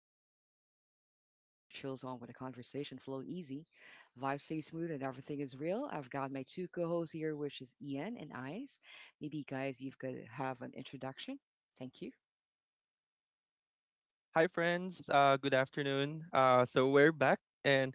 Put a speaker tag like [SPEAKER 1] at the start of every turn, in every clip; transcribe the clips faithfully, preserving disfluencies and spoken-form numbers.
[SPEAKER 1] Akis again. You've just stepped into a chill zone where the conversation flow easy, vibes stay smooth, and everything is real. I've got my two co-hosts here, which is Ian and Ice. Maybe guys, you've got to have an introduction. Thank you.
[SPEAKER 2] Hi, friends. Uh, good afternoon. Uh, so we're back, and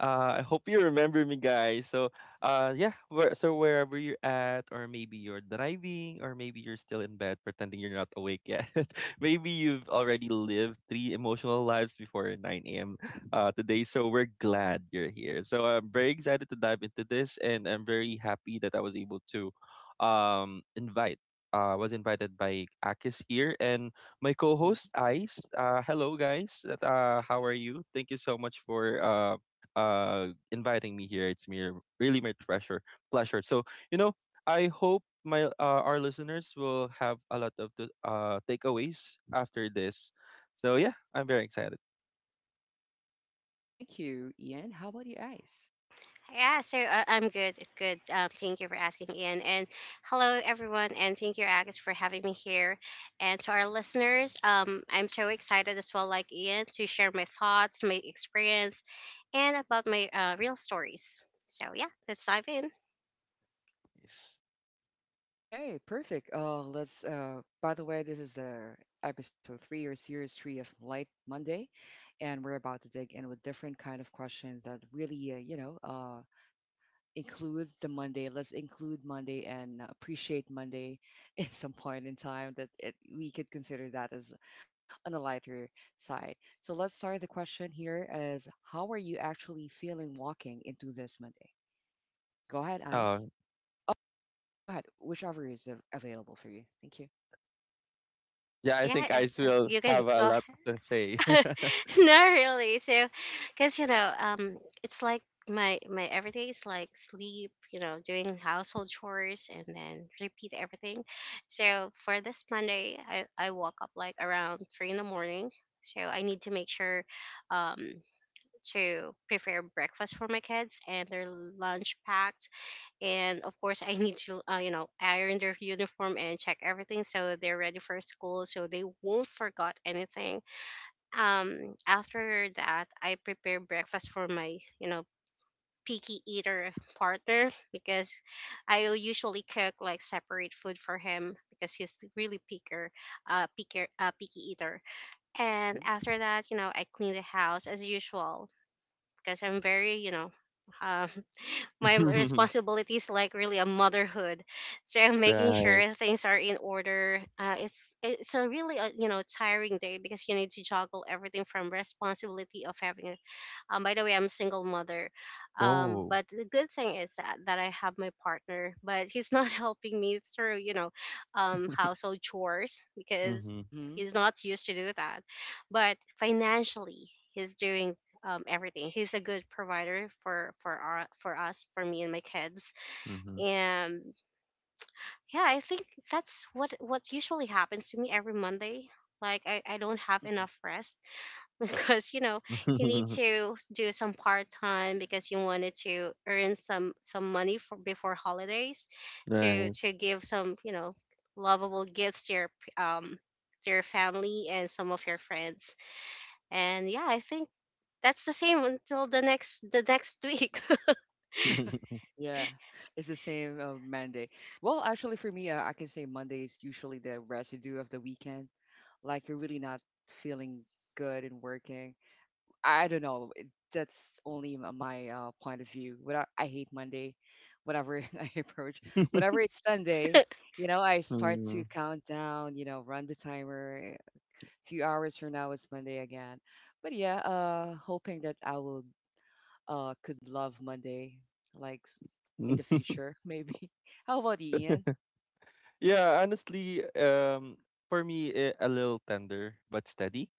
[SPEAKER 2] uh, I hope you remember me, guys. So, uh, yeah, where, so wherever you're at, or maybe you're driving, or maybe you're still in bed pretending you're not awake yet. Maybe you've already lived three emotional lives before nine a m. Uh, today. So we're glad you're here. So I'm very excited to dive into this, and I'm very happy that I was able to um, invite. Uh, was invited by Akis here, and my
[SPEAKER 1] hmm
[SPEAKER 2] co-host Ice. Uh, hello, guys. Uh, how are you? Thank you so much for uh, uh, inviting me here. It's me really my pleasure. Pleasure. So you know, I hope my uh, our listeners will have a lot of the uh, takeaways after this. So yeah, I'm very excited.
[SPEAKER 1] Thank you, Ian. How about you, Ice?
[SPEAKER 3] Yeah, so uh, I'm good. Good. Um, thank you for asking, Ian. And hello, everyone. And thank you, Agus, for having me here. And to our listeners, um, I'm so excited as well, like Ian, to share my thoughts, my experience, and about my uh, real stories. So, yeah, let's dive in.
[SPEAKER 2] Yes.
[SPEAKER 1] Okay, perfect. Uh, let's. Uh, by the way, this is uh, episode three or series three of Light Monday, and we're about to dig in with different kind of question that really, uh, you know, uh, include the Monday. Let's include Monday and appreciate Monday at some point in time that it, we could consider that as on the lighter side. So let's start the question here as how are you actually feeling walking into this Monday? Go ahead,
[SPEAKER 2] Uh,
[SPEAKER 1] Ice. Go ahead, whichever is av- available for you. Thank you.
[SPEAKER 2] yeah, I
[SPEAKER 3] Yeah,
[SPEAKER 2] think
[SPEAKER 3] I,
[SPEAKER 2] Ice
[SPEAKER 3] uh,
[SPEAKER 2] will
[SPEAKER 3] you can
[SPEAKER 2] have a
[SPEAKER 3] go
[SPEAKER 2] lot to say.
[SPEAKER 3] Not really. So, because you know, um, it's like my my everyday is like sleep, you know, doing household chores, and then repeat everything. So for this Monday, I I woke up like around three in the morning. So I need to make sure, um, to prepare breakfast for my kids and their lunch packed, and of course I need to, uh, you know, iron their uniform and check everything so they're ready for school, so they won't forget anything. Um after that I prepare breakfast for my, you know, picky eater partner, because I will usually cook like separate food for him because he's really picker uh picker uh picky eater. And after that, you know, I clean the house as usual because I'm very you know um my responsibilities like really a motherhood, so making
[SPEAKER 2] Right.
[SPEAKER 3] sure things are in order. uh, it's it's a really a, you know, tiring day because you need to juggle everything from responsibility of having a um, By the way, I'm a single mother. Um,
[SPEAKER 2] Oh.
[SPEAKER 3] but the good thing is that, that I have my partner, but he's not helping me through, you know, um, household chores because
[SPEAKER 2] Mm-hmm.
[SPEAKER 1] hmm
[SPEAKER 3] he's
[SPEAKER 1] hmm
[SPEAKER 3] not used to do that. But financially, he's doing, um, everything. He's a good provider for for our, for us, for me and my kids.
[SPEAKER 2] Mm-hmm.
[SPEAKER 3] And yeah, I think that's what what usually happens to me every Monday. Like I, I don't have
[SPEAKER 1] hmm
[SPEAKER 3] enough rest because, you know, you need to do some part time because you wanted to earn some some money for before holidays, to to give some, you know, lovable gifts to your p- um to your family and some of your friends. And yeah, I think that's the same until the next the next week.
[SPEAKER 2] Right.
[SPEAKER 1] Yeah, it's the same uh, Monday. Well, actually, for me, uh, I can say Monday is usually the residue of the weekend. Like you're really not feeling good and working. I don't know. it- That's only m- my uh, point of view. What I, I hate Monday, whenever I approach, whenever it's Sunday, you know, I start to count down. You know, run the timer. eh, A few hours from now it's Monday again. But yeah, uh, hoping that I will uh could love Monday like s- in
[SPEAKER 2] Mm.
[SPEAKER 1] the future maybe. How about you, Ian?
[SPEAKER 2] Yeah, honestly, um, for me, eh, a little tender but steady,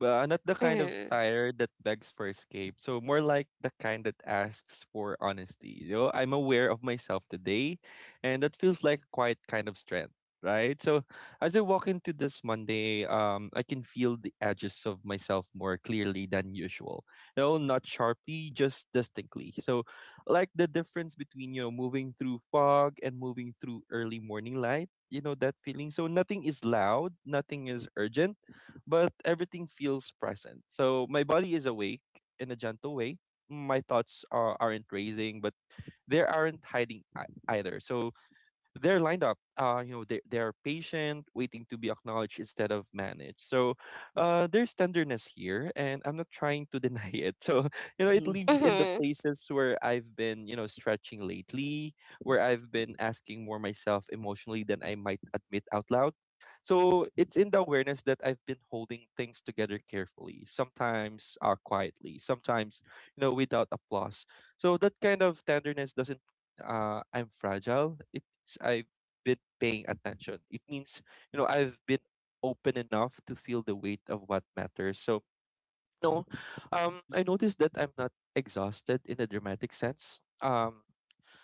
[SPEAKER 2] but not the kind of
[SPEAKER 3] Mhm.
[SPEAKER 2] tire that begs for escape. So more like the kind that asks for honesty. You know, I'm aware of myself today, and that feels like quite kind of strength, right? So as I walk into this Monday, um, I can feel the edges of myself more clearly than usual. You know, not sharply, just distinctly. So like the difference between, you know, moving through fog and moving through early morning light, you know, that feeling. So nothing is loud, nothing is urgent, but everything feels present. So my body is awake in a gentle way. My thoughts are, aren't racing, but they aren't hiding ei- either, so they're lined up. Uh, you know, they they are patient, waiting to be acknowledged instead of managed. So, uh, there's tenderness here, and I'm not trying to deny it. So, you know, it
[SPEAKER 1] Mm-hmm.
[SPEAKER 2] lives in the
[SPEAKER 3] Mhm.
[SPEAKER 2] places where I've been, you know, stretching lately, where I've been asking more myself emotionally than I might admit out loud. So it's in the awareness that I've been holding things together carefully, sometimes uh, quietly, sometimes, you know, without applause. So that kind of tenderness doesn't uh, I'm fragile. It means I've been paying attention. It means, you know, I've been open enough to feel the weight of what matters. So, no, um,
[SPEAKER 1] hmm
[SPEAKER 2] I noticed that I'm not exhausted in a dramatic sense. Um,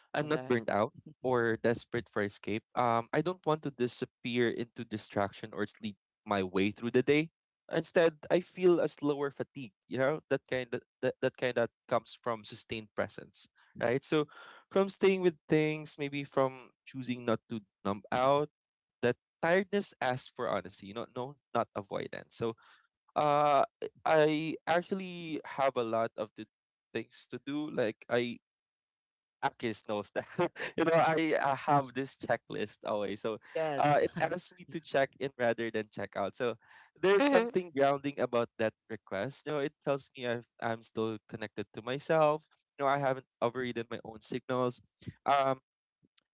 [SPEAKER 1] I
[SPEAKER 2] I'm
[SPEAKER 1] love
[SPEAKER 2] not
[SPEAKER 1] that.
[SPEAKER 2] burned out or desperate for escape. Um, I don't want to disappear into distraction or sleep my way through the day. Instead, I feel a slower fatigue, you know, that kind of that, that kind of comes from sustained presence, right? So from staying with things, maybe from choosing not to numb out, that tiredness asks for honesty, you know, no, not avoidance. So uh I actually have a lot of the things to do. Like I Akis knows that. You know, I, I have this checklist always. So uh,
[SPEAKER 1] Yes.
[SPEAKER 2] it asks me to check in rather than check out. So there's
[SPEAKER 3] Mhm.
[SPEAKER 2] something grounding about that request. You know, it tells me I've, I'm still connected to myself. You know, I haven't overridden my own signals. Um,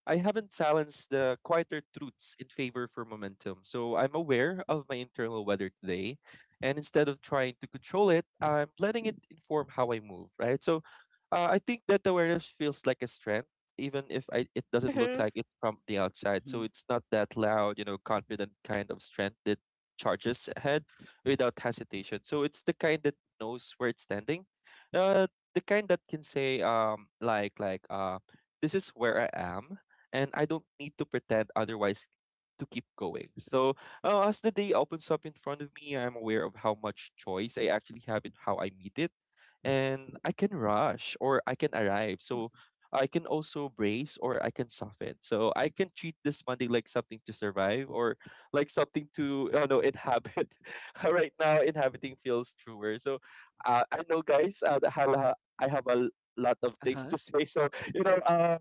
[SPEAKER 2] I haven't silenced the quieter truths in favor for momentum, so I'm aware of my internal weather today. And instead of trying to control it, I'm letting it inform how I move, right? So uh, I think that awareness feels like a strength, even if I, it doesn't look
[SPEAKER 3] Mhm.
[SPEAKER 2] like it from the outside. So
[SPEAKER 1] Mm-hmm.
[SPEAKER 2] it's not that loud, you know, confident kind of strength that charges ahead without hesitation. So it's the kind that knows where it's standing, uh, the kind that can say, um, like, like, uh, this is where I am and I don't need to pretend otherwise to keep going. So, uh, as the day opens up in front of me, I'm aware of how much choice I actually have in how I meet it, and I can rush or I can arrive.
[SPEAKER 1] Yeah.
[SPEAKER 2] So, I can also brace or I can soften. So, I can treat this Monday like something to survive or like something to, oh no, inhabit. Right now, inhabiting feels truer. So, uh, I know, guys, uh, I have a, I have a lot of
[SPEAKER 1] Uh
[SPEAKER 2] things
[SPEAKER 1] huh.
[SPEAKER 2] to say. So, you know, um,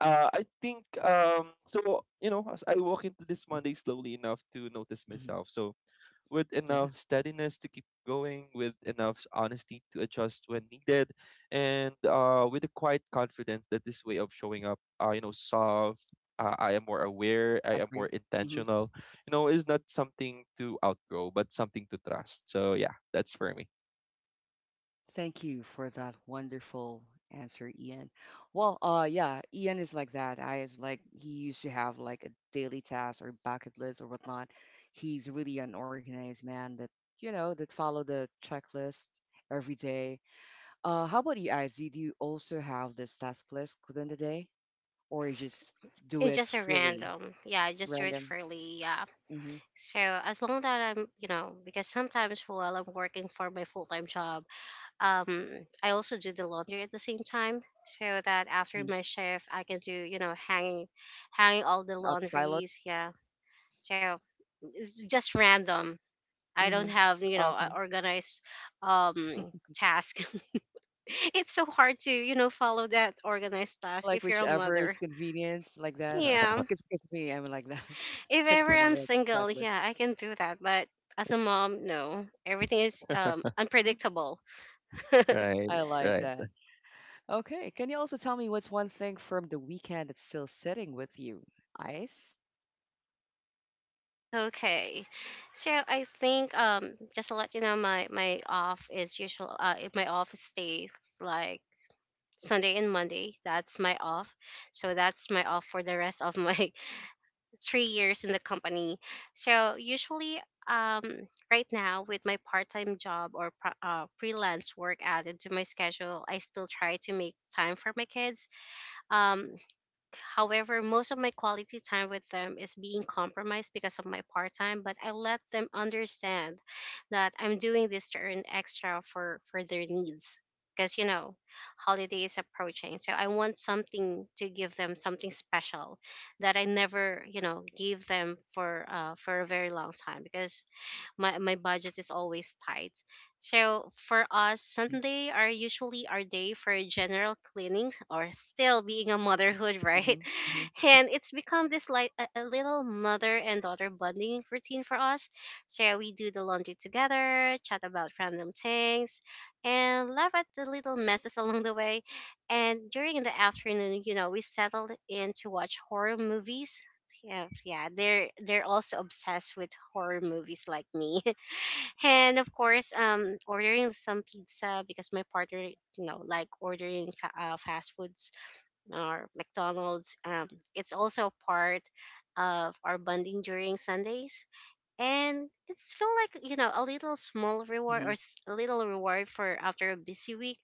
[SPEAKER 2] uh, I think um so, you know, as I walk into this Monday slowly enough to notice
[SPEAKER 1] hmm
[SPEAKER 2] myself. So with
[SPEAKER 1] Yeah.
[SPEAKER 2] enough steadiness to keep going, with enough honesty to adjust when needed, and uh with a quiet confidence that this way of showing up, uh you know, soft. Uh, I am more aware.
[SPEAKER 1] I
[SPEAKER 2] I am
[SPEAKER 1] agree.
[SPEAKER 2] more
[SPEAKER 1] Mm-hmm.
[SPEAKER 2] intentional. You know, is not something to outgrow, but something to trust. So yeah, that's for me.
[SPEAKER 1] Thank you for that wonderful answer, Ian. Well, uh, yeah, Ian is like that. I is like he used to have like a daily task or bucket list or whatnot. He's really an organized man that you know that follow the checklist every day. Uh, how about you guys? Did you also have this task list within the day, or you just do
[SPEAKER 3] It's
[SPEAKER 1] it
[SPEAKER 3] just a
[SPEAKER 1] freely,
[SPEAKER 3] random. Yeah, I just do it
[SPEAKER 1] random?
[SPEAKER 3] freely. Yeah.
[SPEAKER 1] Mm-hmm.
[SPEAKER 3] So as long that I'm, you know, because sometimes while I'm working for my full time job, um, I also do the laundry at the same time, so that after
[SPEAKER 1] Mm-hmm.
[SPEAKER 3] my shift, I can do, you know, hanging, hanging all
[SPEAKER 1] Like
[SPEAKER 3] the
[SPEAKER 1] an autopilot.
[SPEAKER 3] laundries. Yeah. So it's just random. I don't
[SPEAKER 1] Mm-hmm.
[SPEAKER 3] have, you know,
[SPEAKER 1] Okay.
[SPEAKER 3] a organized um task. It's so hard to, you know, follow that organized task
[SPEAKER 1] Like
[SPEAKER 3] if you're a
[SPEAKER 1] whichever is
[SPEAKER 3] mother.
[SPEAKER 1] convenient, like that.
[SPEAKER 3] Yeah.
[SPEAKER 1] Cause, 'cause me, I'm like that.
[SPEAKER 3] If
[SPEAKER 1] I
[SPEAKER 3] ever
[SPEAKER 1] don't have
[SPEAKER 3] I'm
[SPEAKER 1] a
[SPEAKER 3] single,
[SPEAKER 1] checklist.
[SPEAKER 3] yeah, I can do that, but as a mom, no. Everything is um unpredictable.
[SPEAKER 2] Right,
[SPEAKER 1] I like
[SPEAKER 2] right.
[SPEAKER 1] that. Okay, can you also tell me what's one thing from the weekend that's still sitting with you? Ice?
[SPEAKER 3] Okay. So I think um just to let you know my my off is usual. Uh if my off stays like Sunday and Monday, that's my off. So that's my off for the rest of my three years in the company. So usually, um, right now with my part-time job or pro- uh, freelance work added to my schedule, I still try to make time for my kids. Um, However, most of my quality time with them is being compromised because of my part time, but I let them understand that I'm doing this to earn extra for, for their needs. Because, you know, holiday is approaching. So I want something to give them something special that I never, you know, gave them for uh, for a very long time because my my budget is always tight. So for us,
[SPEAKER 1] hmm
[SPEAKER 3] Sunday are usually our day for general cleaning or still being a
[SPEAKER 1] Yeah.
[SPEAKER 3] motherhood, right?
[SPEAKER 1] hmm hmm
[SPEAKER 3] And it's become this like a, a little mother and daughter bonding routine for us. So we do the laundry together, chat about random things, and laugh at the little messes along the way. And during the afternoon, you know, we settled in to watch horror movies. Yeah, yeah, they're they're also obsessed with horror movies like me, and of course, um, ordering some pizza because my partner, you know, like ordering fa- uh, fast foods or McDonald's. Um, it's also part of our bonding during Sundays, and it's feel like, you know, a little small
[SPEAKER 1] hmm
[SPEAKER 3] reward or s- a little reward for after a busy week.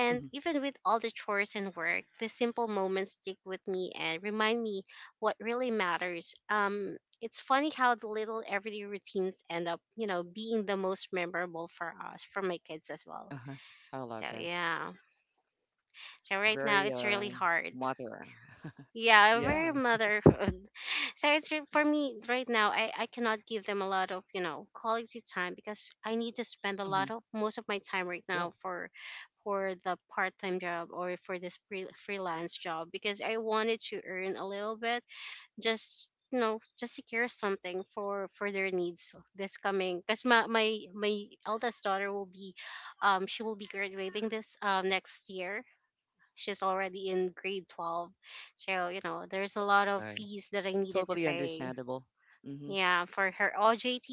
[SPEAKER 1] hmm
[SPEAKER 3] even with all the chores and work, the simple moments stick with me and remind me what really matters. Um, it's funny how the little everyday routines end up, you know, being the most memorable for us, for my kids as well.
[SPEAKER 1] Uh-huh. I love
[SPEAKER 3] So
[SPEAKER 1] that.
[SPEAKER 3] yeah. So right now
[SPEAKER 1] Very
[SPEAKER 3] it's really
[SPEAKER 1] um
[SPEAKER 3] hard.
[SPEAKER 1] mother.
[SPEAKER 3] Yeah, very
[SPEAKER 1] Yeah.
[SPEAKER 3] motherhood. So it's re- for me right now, I I cannot give them a lot of, you know, quality time because I need to spend a
[SPEAKER 1] hmm
[SPEAKER 3] lot of most of my time right
[SPEAKER 1] Yeah.
[SPEAKER 3] now for for the part time job or for this free, freelance job because I wanted to earn a little bit, just, you know, just secure something for for their needs this coming, because my, my my eldest daughter will be um she will be graduating this um next year. She's already in grade twelve, so you know there's a lot of
[SPEAKER 2] Nice.
[SPEAKER 3] fees that I needed to
[SPEAKER 1] Totally
[SPEAKER 3] pay,
[SPEAKER 1] understandable. hmm
[SPEAKER 3] yeah, for her OJT,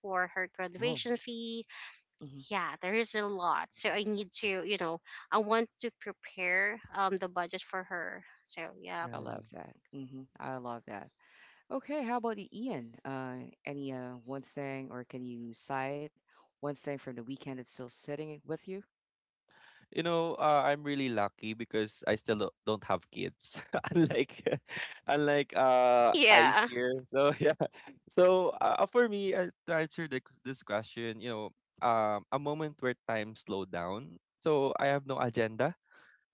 [SPEAKER 3] for her
[SPEAKER 1] Oh.
[SPEAKER 3] graduation fee.
[SPEAKER 1] hmm
[SPEAKER 3] Yeah, there is a lot, so I need to, you know, I want to prepare um the budget for her, so yeah.
[SPEAKER 2] Right.
[SPEAKER 1] I love that. hmm I love that. Okay, how about you, Ian? Uh, any uh, one thing, or can you cite one thing from the weekend that's still sitting with you?
[SPEAKER 2] You know, uh, I'm really lucky because I still don't don't have kids, unlike unlike uh
[SPEAKER 3] Yeah.
[SPEAKER 2] Ice here. So yeah, so uh, for me, uh, to answer the, this question, you know, um, a moment where time slowed down. So I have no agenda,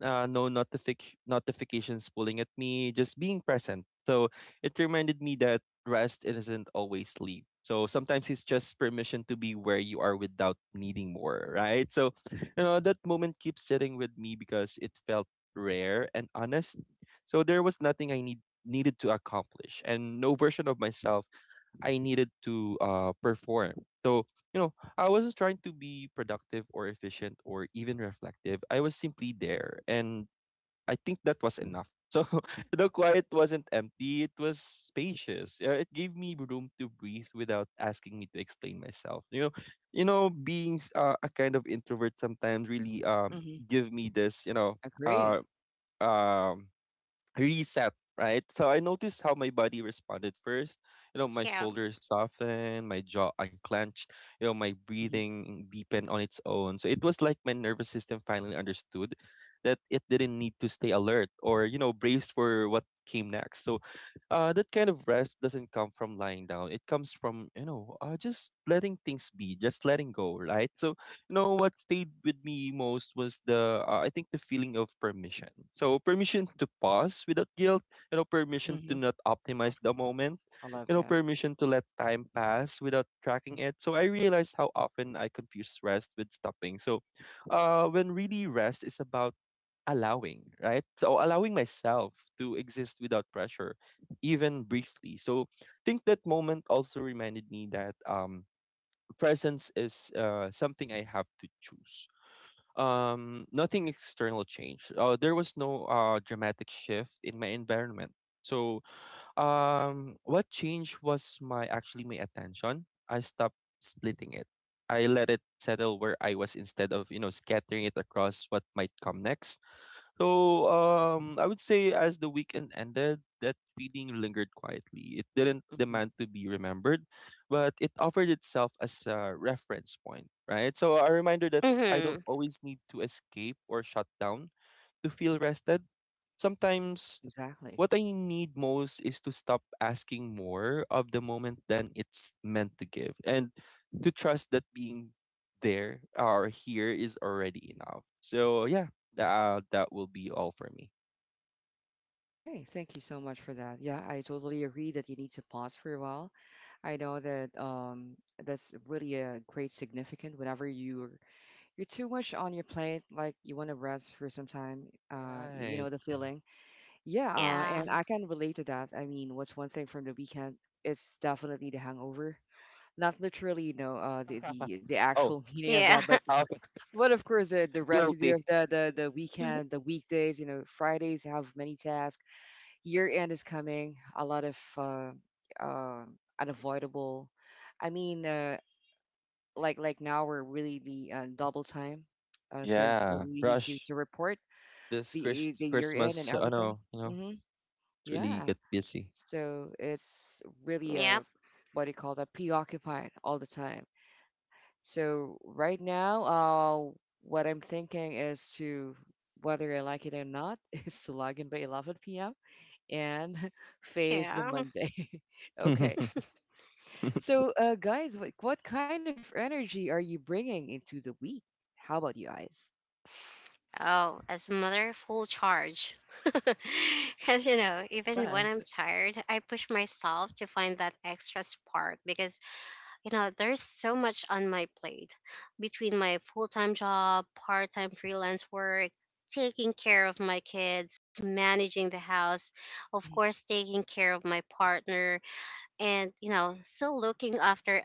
[SPEAKER 2] uh, no notific- notifications pulling at me, just being present. So it reminded me that rest isn't always sleep. So sometimes it's just permission to be where you are without needing more, right? So, you know, that moment keeps sitting with me because it felt rare and honest. So there was nothing I need needed to accomplish and no version of myself I needed to uh, perform. So, you know, I wasn't trying to be productive or efficient or even reflective. I was simply there. And I think that was enough. So the quiet wasn't empty, it was spacious. Uh, It gave me room to breathe without asking me to explain myself. You know, you know, being s- uh, a kind of introvert sometimes really um
[SPEAKER 1] Mm-hmm.
[SPEAKER 2] give me this, you know,
[SPEAKER 1] Agree.
[SPEAKER 2] uh um reset, right? So I noticed how my body responded first. You know, my
[SPEAKER 3] Yeah.
[SPEAKER 2] shoulders softened, my jaw unclenched, you know, my
[SPEAKER 1] Mm-hmm.
[SPEAKER 2] breathing deepened on its own. So it was like my nervous system finally understood that it didn't need to stay alert or, you know, braced for what came next. So uh, that kind of rest doesn't come from lying down. It comes from, you know, uh, just letting things be, just letting go, right? So, you know, what stayed with me most was the uh, I think the feeling of permission. So permission to pause without guilt, you know, permission
[SPEAKER 1] Mm-hmm.
[SPEAKER 2] to not optimize the moment,
[SPEAKER 1] I love
[SPEAKER 2] you know,
[SPEAKER 1] that.
[SPEAKER 2] permission to let time pass without tracking it. So I realized how often I confuse rest with stopping. So uh when really rest is about allowing, right? So allowing myself to exist without pressure, even briefly. So I think that moment also reminded me that um presence is uh, something I have to choose. Um, nothing external changed. Uh, there was no uh, dramatic shift in my environment. So, um, what changed was my actually my attention. I stopped splitting it. I let it settle where I was instead of, you know, scattering it across what might come next. So um, I would say as the weekend ended, that feeling lingered quietly. It didn't
[SPEAKER 1] Mm-hmm.
[SPEAKER 2] demand to be remembered, but it offered itself as a reference point, right? So a reminder that I don't
[SPEAKER 3] Mm-hmm.
[SPEAKER 2] always need to escape or shut down to feel rested. Sometimes
[SPEAKER 1] Exactly.
[SPEAKER 2] what I need most is to stop asking more of the moment than it's meant to give and to trust that being there or here is already enough. So yeah, that uh, that will be all for me.
[SPEAKER 1] Okay, thank you so much for that. Yeah, I totally agree that you need to pause for a while. I know that um that's really a great significant whenever you're you're too much on your plate, like you want to rest for some time. Uh, you
[SPEAKER 2] Right.
[SPEAKER 1] know the feeling. Yeah, uh,
[SPEAKER 3] Yeah.
[SPEAKER 1] and I can relate to that. I mean, what's one thing from the weekend? It's definitely the hangover. Not literally, you know, uh, the, the the
[SPEAKER 2] Oh,
[SPEAKER 1] actual meaning of
[SPEAKER 3] Yeah.
[SPEAKER 1] that, but
[SPEAKER 2] half
[SPEAKER 1] but of course the, the residue
[SPEAKER 2] guilty.
[SPEAKER 1] of the, the the weekend, the weekdays. You know, Fridays have many tasks. Year end is coming. A lot of uh, uh, unavoidable. I mean, uh, like like now we're really the uh, double time, uh, since
[SPEAKER 2] Yeah,
[SPEAKER 1] we need to
[SPEAKER 2] rush
[SPEAKER 1] to report
[SPEAKER 2] this
[SPEAKER 1] the
[SPEAKER 2] Chris-
[SPEAKER 1] the year end and
[SPEAKER 2] Christmas. I
[SPEAKER 1] everything.
[SPEAKER 2] know, you know,
[SPEAKER 1] Mm-hmm.
[SPEAKER 2] it's really
[SPEAKER 1] Yeah,
[SPEAKER 2] get busy.
[SPEAKER 1] so it's really
[SPEAKER 3] Yep.
[SPEAKER 1] a what do you call that? Preoccupied all the time. So right now, uh, what I'm thinking is to whether I like it or not is to log in by eleven p m and face the
[SPEAKER 3] Yeah.
[SPEAKER 1] Monday.
[SPEAKER 2] Do
[SPEAKER 1] Okay. So uh, guys, what what kind of energy are you bringing into the week? How about you guys?
[SPEAKER 3] Oh, as mother, full charge. Because, you know, even when
[SPEAKER 1] Yes.
[SPEAKER 3] I'm tired, I push myself to find that extra spark because, you know, there's so much on my plate between my full time job, part time freelance work, taking care of my kids, managing the house, of
[SPEAKER 1] hmm
[SPEAKER 3] course, taking care of my partner, and, you know, still looking after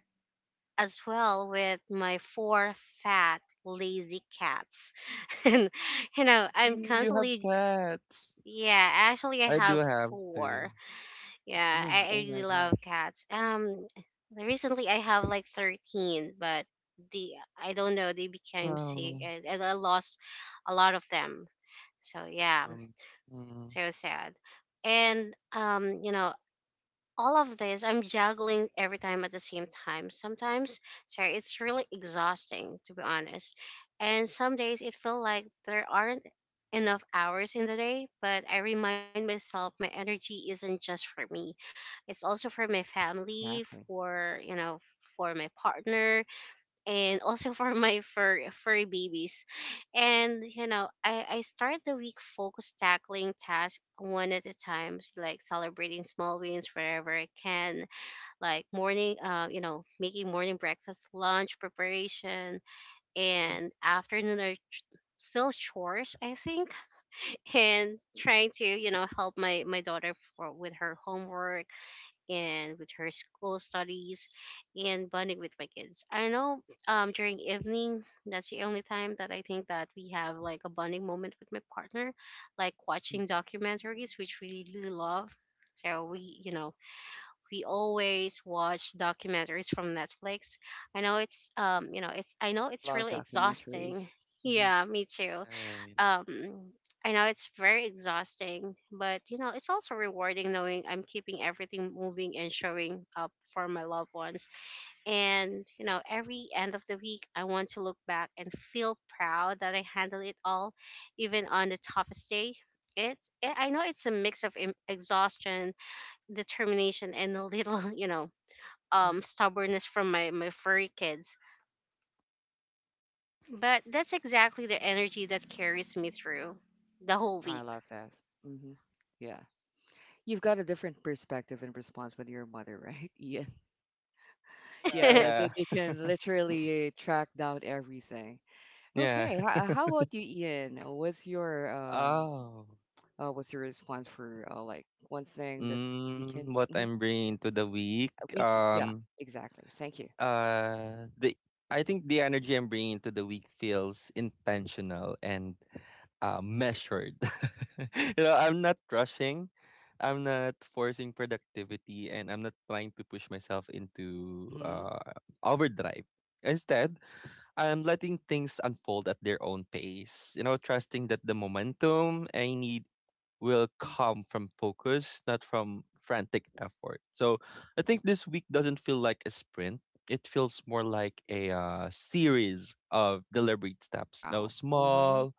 [SPEAKER 3] as well with my four fat lazy cats and you know I'm
[SPEAKER 2] you have
[SPEAKER 3] constantly.
[SPEAKER 2] cats?
[SPEAKER 3] Yeah, actually I
[SPEAKER 2] I do
[SPEAKER 3] have
[SPEAKER 2] have
[SPEAKER 3] four.
[SPEAKER 2] two.
[SPEAKER 3] Yeah,
[SPEAKER 1] Four.
[SPEAKER 3] i,
[SPEAKER 1] Oh
[SPEAKER 3] I
[SPEAKER 1] my
[SPEAKER 3] really love
[SPEAKER 1] gosh.
[SPEAKER 3] cats. Um recently I have like thirteen, but the I don't know, they became sick,
[SPEAKER 2] Oh,
[SPEAKER 3] and, and I lost a lot of them, so yeah.
[SPEAKER 2] um,
[SPEAKER 3] So sad. And um you know, all of this I'm juggling every time at the same time sometimes. Sorry, it's really exhausting, to be honest. And some days it feels like there aren't enough hours in the day, but I remind myself my energy isn't just for me, it's also for my family,
[SPEAKER 1] Exactly.
[SPEAKER 3] for, you know, for my partner, and also for my fur furry babies. And you know, I I start the week focused, tackling tasks one at a time, s- like celebrating small wins wherever I can, like morning, uh, you know, making morning breakfast, lunch preparation,
[SPEAKER 1] hmm
[SPEAKER 3] and afternoon are ch- still chores, I think. And trying to, you know, help my my daughter for with her homework and with her school studies and bonding with my kids. I know, um, during evening, that's the only time that I think that we have like a bonding moment with my partner, like
[SPEAKER 1] hmm
[SPEAKER 3] watching documentaries, which we really love. So we, you know, we always watch documentaries from Netflix. I know it's, um, you know, it's, I know
[SPEAKER 1] I
[SPEAKER 3] it's
[SPEAKER 1] love
[SPEAKER 3] really
[SPEAKER 1] documentaries.
[SPEAKER 3] exhausting.
[SPEAKER 1] hmm
[SPEAKER 3] Yeah, me too.
[SPEAKER 2] right.
[SPEAKER 3] um I know it's very exhausting, but you know, it's also rewarding knowing I'm keeping everything moving and showing up for my loved ones. And you know, every end of the week, I want to look back and feel proud that I handle it all, even on the toughest day. It's I I know it's a mix of em- exhaustion, determination, and a little, you know,
[SPEAKER 1] hmm
[SPEAKER 3] um, stubbornness from my my furry kids. But that's exactly the energy that carries me through the whole
[SPEAKER 1] I
[SPEAKER 3] week.
[SPEAKER 1] love that. hmm Yeah. You've got a different perspective and response with your mother, right? Yeah.
[SPEAKER 2] Yeah,
[SPEAKER 1] Yeah. That
[SPEAKER 2] yeah,
[SPEAKER 1] They they can literally track down everything.
[SPEAKER 2] yeah.
[SPEAKER 1] Okay. How, how about you, Ian? Uh, What's your um,
[SPEAKER 2] Oh,
[SPEAKER 1] uh, what's your response for uh, like one thing that we
[SPEAKER 2] mm,
[SPEAKER 1] can,
[SPEAKER 2] what
[SPEAKER 1] mhm, uh,
[SPEAKER 2] I'm bringing into the week.
[SPEAKER 1] we c yeah,
[SPEAKER 2] Um,
[SPEAKER 1] exactly. Thank you.
[SPEAKER 2] uh, the I think the energy I'm bringing into the week feels intentional and uh, measured. You know, I'm not rushing. I'm not forcing productivity, and I'm not trying to push myself into
[SPEAKER 1] Mm-hmm.
[SPEAKER 2] uh, overdrive. Instead, I'm letting things unfold at their own pace. You know, trusting that the momentum I need will
[SPEAKER 1] Mm-hmm.
[SPEAKER 2] come from focus, not from frantic effort. So I think this week doesn't feel like a sprint. It feels more like a uh, series of deliberate steps. You know,
[SPEAKER 1] Wow. Mm-hmm.
[SPEAKER 2] small,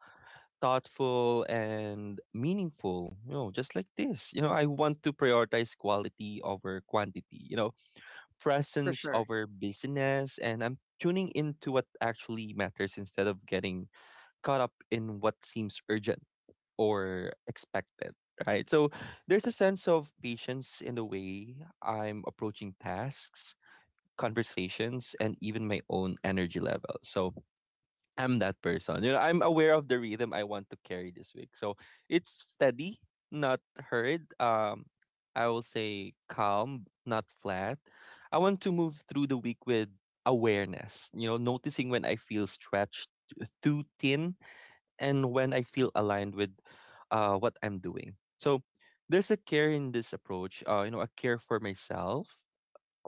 [SPEAKER 2] thoughtful, and meaningful. You know, just like this. You know, I want to prioritize quality over quantity. You know,
[SPEAKER 1] For
[SPEAKER 2] presence
[SPEAKER 1] sure.
[SPEAKER 2] over busyness, and I'm tuning into what actually matters instead of getting caught up in what seems urgent or expected, right? So there's a sense of patience in the way I'm approaching tasks, conversations, and even my own energy level. So I'm that person. You know, I'm aware of the rhythm I want to carry this week. So it's steady, not hurried. Um, I will say calm, not flat. I want to move through the week with awareness, you know, noticing when I feel stretched too thin and when I
[SPEAKER 1] Mm-hmm.
[SPEAKER 2] feel aligned with uh, what I'm doing. So there's a care in this approach, uh, you know, a care for myself,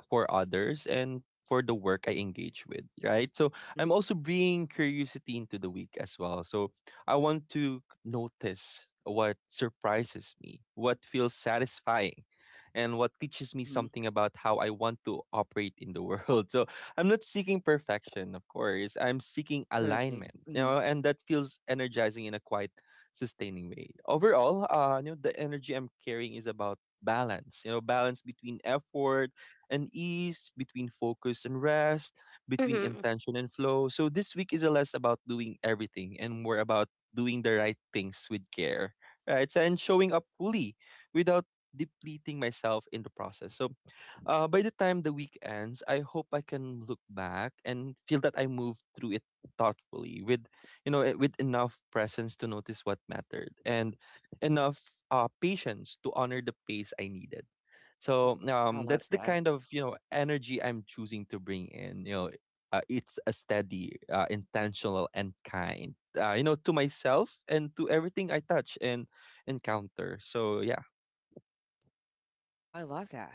[SPEAKER 2] for others, and for the work I engage with, right? So
[SPEAKER 1] Mm-hmm.
[SPEAKER 2] I'm also bringing curiosity into the week as well. So I want to notice what surprises me, what feels satisfying, and what teaches me
[SPEAKER 1] Mm-hmm.
[SPEAKER 2] something about how I want to operate in the world. So I'm not seeking perfection, of course. I'm seeking
[SPEAKER 1] Definitely.
[SPEAKER 2] alignment, you
[SPEAKER 1] Mm-hmm.
[SPEAKER 2] know, and that feels energizing in a quite sustaining way. Overall, uh, you know, the energy I'm carrying is about balance, you know, balance between effort and ease, between focus and rest, between
[SPEAKER 3] Mhm.
[SPEAKER 2] intention and flow. So this week is a less about doing everything and more about doing the right things with care, right? And showing up fully without depleting myself in the process. So uh, by the time the week ends, I hope I can look back and feel that I moved through it thoughtfully, with you know, eh, with enough presence to notice what mattered, and enough uh, patience to honor the pace I needed. So
[SPEAKER 1] Mm-hmm. I
[SPEAKER 2] um,
[SPEAKER 1] love
[SPEAKER 2] that's the
[SPEAKER 1] that.
[SPEAKER 2] kind of you know energy I'm choosing to bring in. You know, uh, it's a steady, uh, intentional, and kind. Uh, you know, to myself and to everything I touch and encounter. So yeah.
[SPEAKER 1] I love that.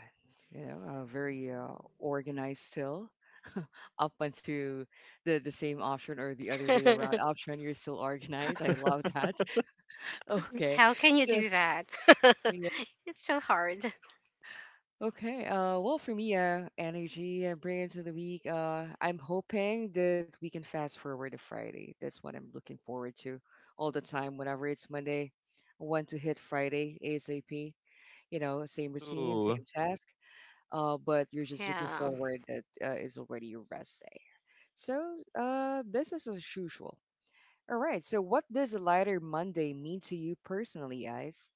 [SPEAKER 1] You know, uh, very uh, organized still. Up until the the same option or the other way around option, you're still organized. I love that. Okay,
[SPEAKER 3] How can you
[SPEAKER 1] so
[SPEAKER 3] do that?
[SPEAKER 1] yeah.
[SPEAKER 3] It's so hard.
[SPEAKER 1] Okay. Uh, well, for me, uh, energy uh, bring into the week. Uh, I'm hoping that we can fast forward to Friday. That's what I'm looking forward to all the time. Whenever it's Monday, I want to hit Friday ASAP. You know, same routine,
[SPEAKER 2] Ooh.
[SPEAKER 1] same task. Uh, but you're just looking
[SPEAKER 3] Yeah.
[SPEAKER 1] forward that uh, is already your rest day. So, uh, business as usual. All right. So, what does a lighter Monday mean to you personally, guys?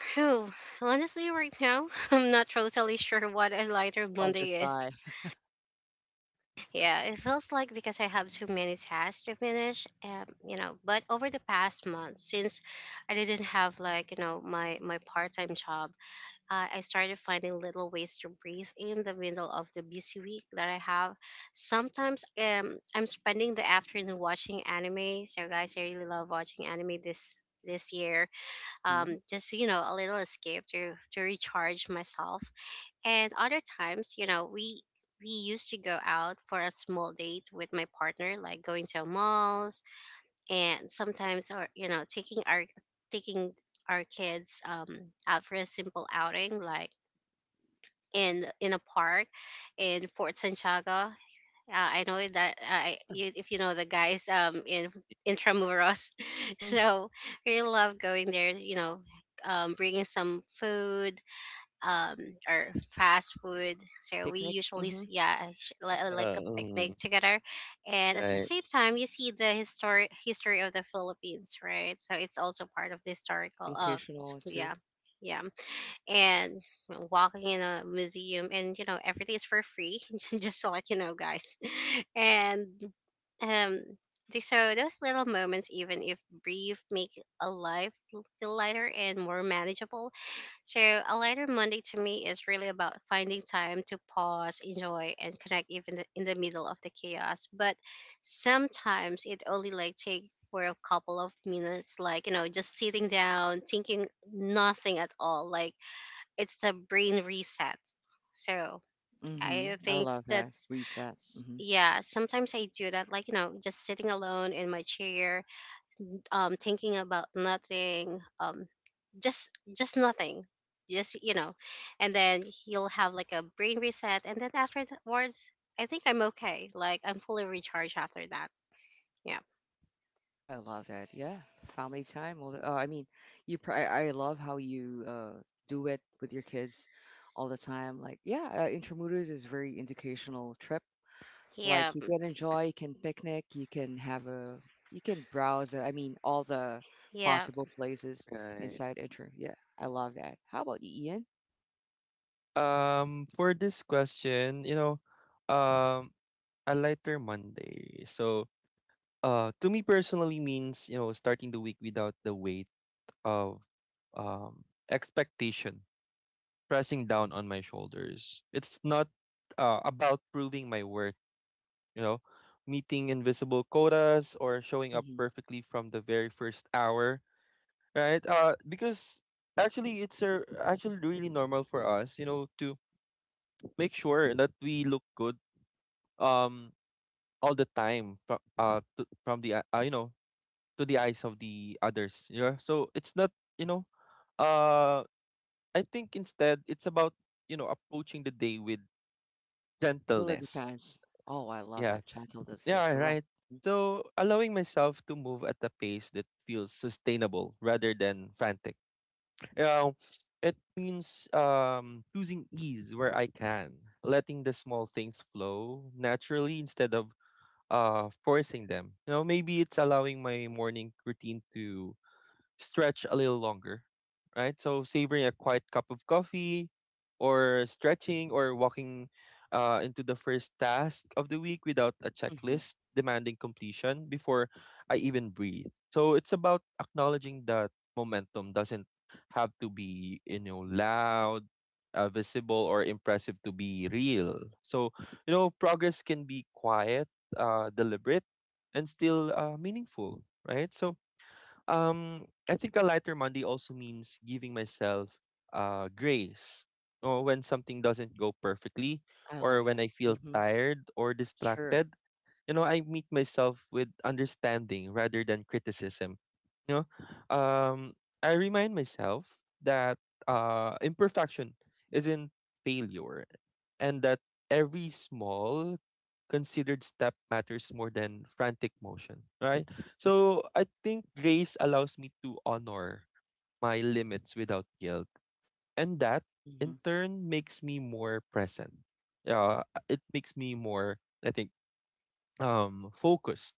[SPEAKER 3] Phew. Honestly, right now, I'm not totally sure what a lighter
[SPEAKER 1] I love the
[SPEAKER 3] Monday is.
[SPEAKER 1] sigh.
[SPEAKER 3] Yeah, it feels like because I have too many tasks to finish, um, you know. But over the past month, since I didn't have like, you know, my my part time job, uh, I started finding little ways to breathe in the middle of the busy week that I have. Sometimes um, I'm spending the afternoon watching anime. So, guys, I really love watching anime this this year.
[SPEAKER 1] Mm-hmm.
[SPEAKER 3] Um, just, you know, a little escape to to recharge myself. And other times, you know, we we used to go out for a small date with my partner, like going to malls and sometimes, or you know, taking our taking our kids, um, out for a simple outing like in in a park in Fort Santiago. Uh, I know that I
[SPEAKER 1] Yeah.
[SPEAKER 3] you, if you know the guys um in Intramuros,
[SPEAKER 1] Mm-hmm.
[SPEAKER 3] so really love going there. You know, um, bringing some food, um or fast food.
[SPEAKER 1] Like
[SPEAKER 3] So we
[SPEAKER 1] picnic.
[SPEAKER 3] usually s-
[SPEAKER 1] Mm-hmm.
[SPEAKER 3] yeah sh- li- uh, like
[SPEAKER 2] Uh,
[SPEAKER 3] a picnic
[SPEAKER 2] mm,
[SPEAKER 3] together, and at the
[SPEAKER 2] right.
[SPEAKER 3] same time you see the history history of the Philippines, right? So it's also part of the historical. Uh, it's-
[SPEAKER 1] Occasional too.
[SPEAKER 3] yeah, yeah and walking in a museum, and you know, everything is for free just to let you know guys. and um th- so those little moments, even if brief, make a life l- feel lighter and more manageable. So a lighter Monday to me is really about finding time to pause, enjoy and connect even the, in the middle of the chaos. But sometimes it only like take for a couple of minutes, like, you know, just sitting down thinking nothing at all, like it's a brain reset. So I
[SPEAKER 1] Mm-hmm. I
[SPEAKER 3] think
[SPEAKER 1] love that
[SPEAKER 3] that's
[SPEAKER 1] reset.
[SPEAKER 3] s-
[SPEAKER 1] Mm-hmm.
[SPEAKER 3] yeah. Sometimes I do that, like, you know, just sitting alone in my chair, um, thinking about nothing, um, just just nothing, just, you know, and then you'll have like a brain reset, and then afterwards, I think I'm okay. Like, I'm fully recharged after that. Yeah,
[SPEAKER 1] I love that. Yeah. Family time. all the- Uh, I mean, you. Pr- I I love how you uh do it with your kids all the time. Like, yeah, uh, Intramuros is very educational trip.
[SPEAKER 3] yeah,
[SPEAKER 1] Like you
[SPEAKER 3] mm,
[SPEAKER 1] can enjoy, you can picnic, you can have a, you can browse. Uh, I mean, all the
[SPEAKER 3] yeah,
[SPEAKER 1] possible places
[SPEAKER 2] Right.
[SPEAKER 1] inside Intro. Yeah, I love that. How about you, Ian?
[SPEAKER 2] Um, for this question, you know, um, a lighter Monday. So, uh, to me personally means, you know, starting the week without the weight of um expectation pressing down on my shoulders. It's not uh, about proving my worth, you know, meeting invisible quotas or showing up
[SPEAKER 1] Mm-hmm.
[SPEAKER 2] perfectly from the very first hour, right? Uh, because actually it's a, actually really normal for us, you know, to make sure that we look good um all the time from uh to, from the uh, you know, to the eyes of the others. Yeah, so it's not,
[SPEAKER 1] Yeah,
[SPEAKER 2] you know uh I think instead it's about, you know, approaching the day with
[SPEAKER 1] it really
[SPEAKER 2] gentleness.
[SPEAKER 1] depends. Oh, I love
[SPEAKER 2] yeah
[SPEAKER 1] that gentleness. Yeah,
[SPEAKER 2] yeah
[SPEAKER 1] correct.
[SPEAKER 2] right. So allowing myself to move at a pace that feels sustainable rather than frantic, you know. It means um choosing ease where I can, letting the small things flow naturally instead of uh forcing them. You know, maybe it's allowing my morning routine to stretch a little longer, right? So savoring a quiet cup of coffee or stretching or walking uh, into the first task of the week without a
[SPEAKER 1] Mm-hmm.
[SPEAKER 2] checklist demanding completion before I even breathe. So it's about acknowledging that momentum doesn't have to be, you know, loud, uh, visible, or impressive to be real. So, you know, progress can be quiet, uh, deliberate, and still uh, meaningful, right? So um, I think a lighter Monday also means giving myself uh grace. Or when something doesn't go perfectly,
[SPEAKER 1] I love
[SPEAKER 2] or
[SPEAKER 1] that.
[SPEAKER 2] when I feel
[SPEAKER 1] Mm-hmm.
[SPEAKER 2] tired or
[SPEAKER 1] Sure.
[SPEAKER 2] distracted, you know, I meet myself with understanding rather than criticism. You know, um, I remind myself that uh, imperfection isn't failure, and that every small considered step matters more than frantic motion. Right. So I think grace allows me to honor my limits without guilt, and that
[SPEAKER 1] Mm-hmm.
[SPEAKER 2] in turn makes me more present. Yeah, it makes me more, I think, um, focused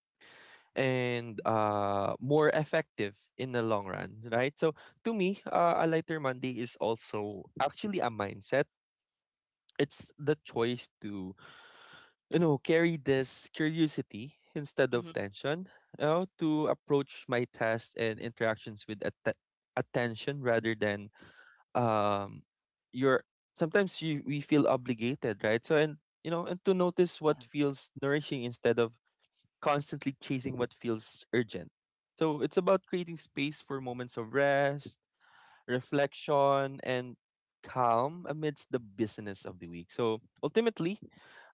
[SPEAKER 2] and
[SPEAKER 1] Mm-hmm.
[SPEAKER 2] uh, more effective in the long run, right? So to me, uh, a lighter Monday is also actually a mindset. It's the choice to, you know, carry this curiosity instead of
[SPEAKER 1] Mm-hmm.
[SPEAKER 2] tension, you know, to approach my tasks and interactions with atte- attention rather than um your sometimes you, we feel obligated, right? So, and you know, and to notice
[SPEAKER 1] Yeah,
[SPEAKER 2] what feels nourishing instead of constantly chasing what feels urgent. So it's about creating space for moments of rest, reflection, and calm amidst the busyness of the week. So ultimately,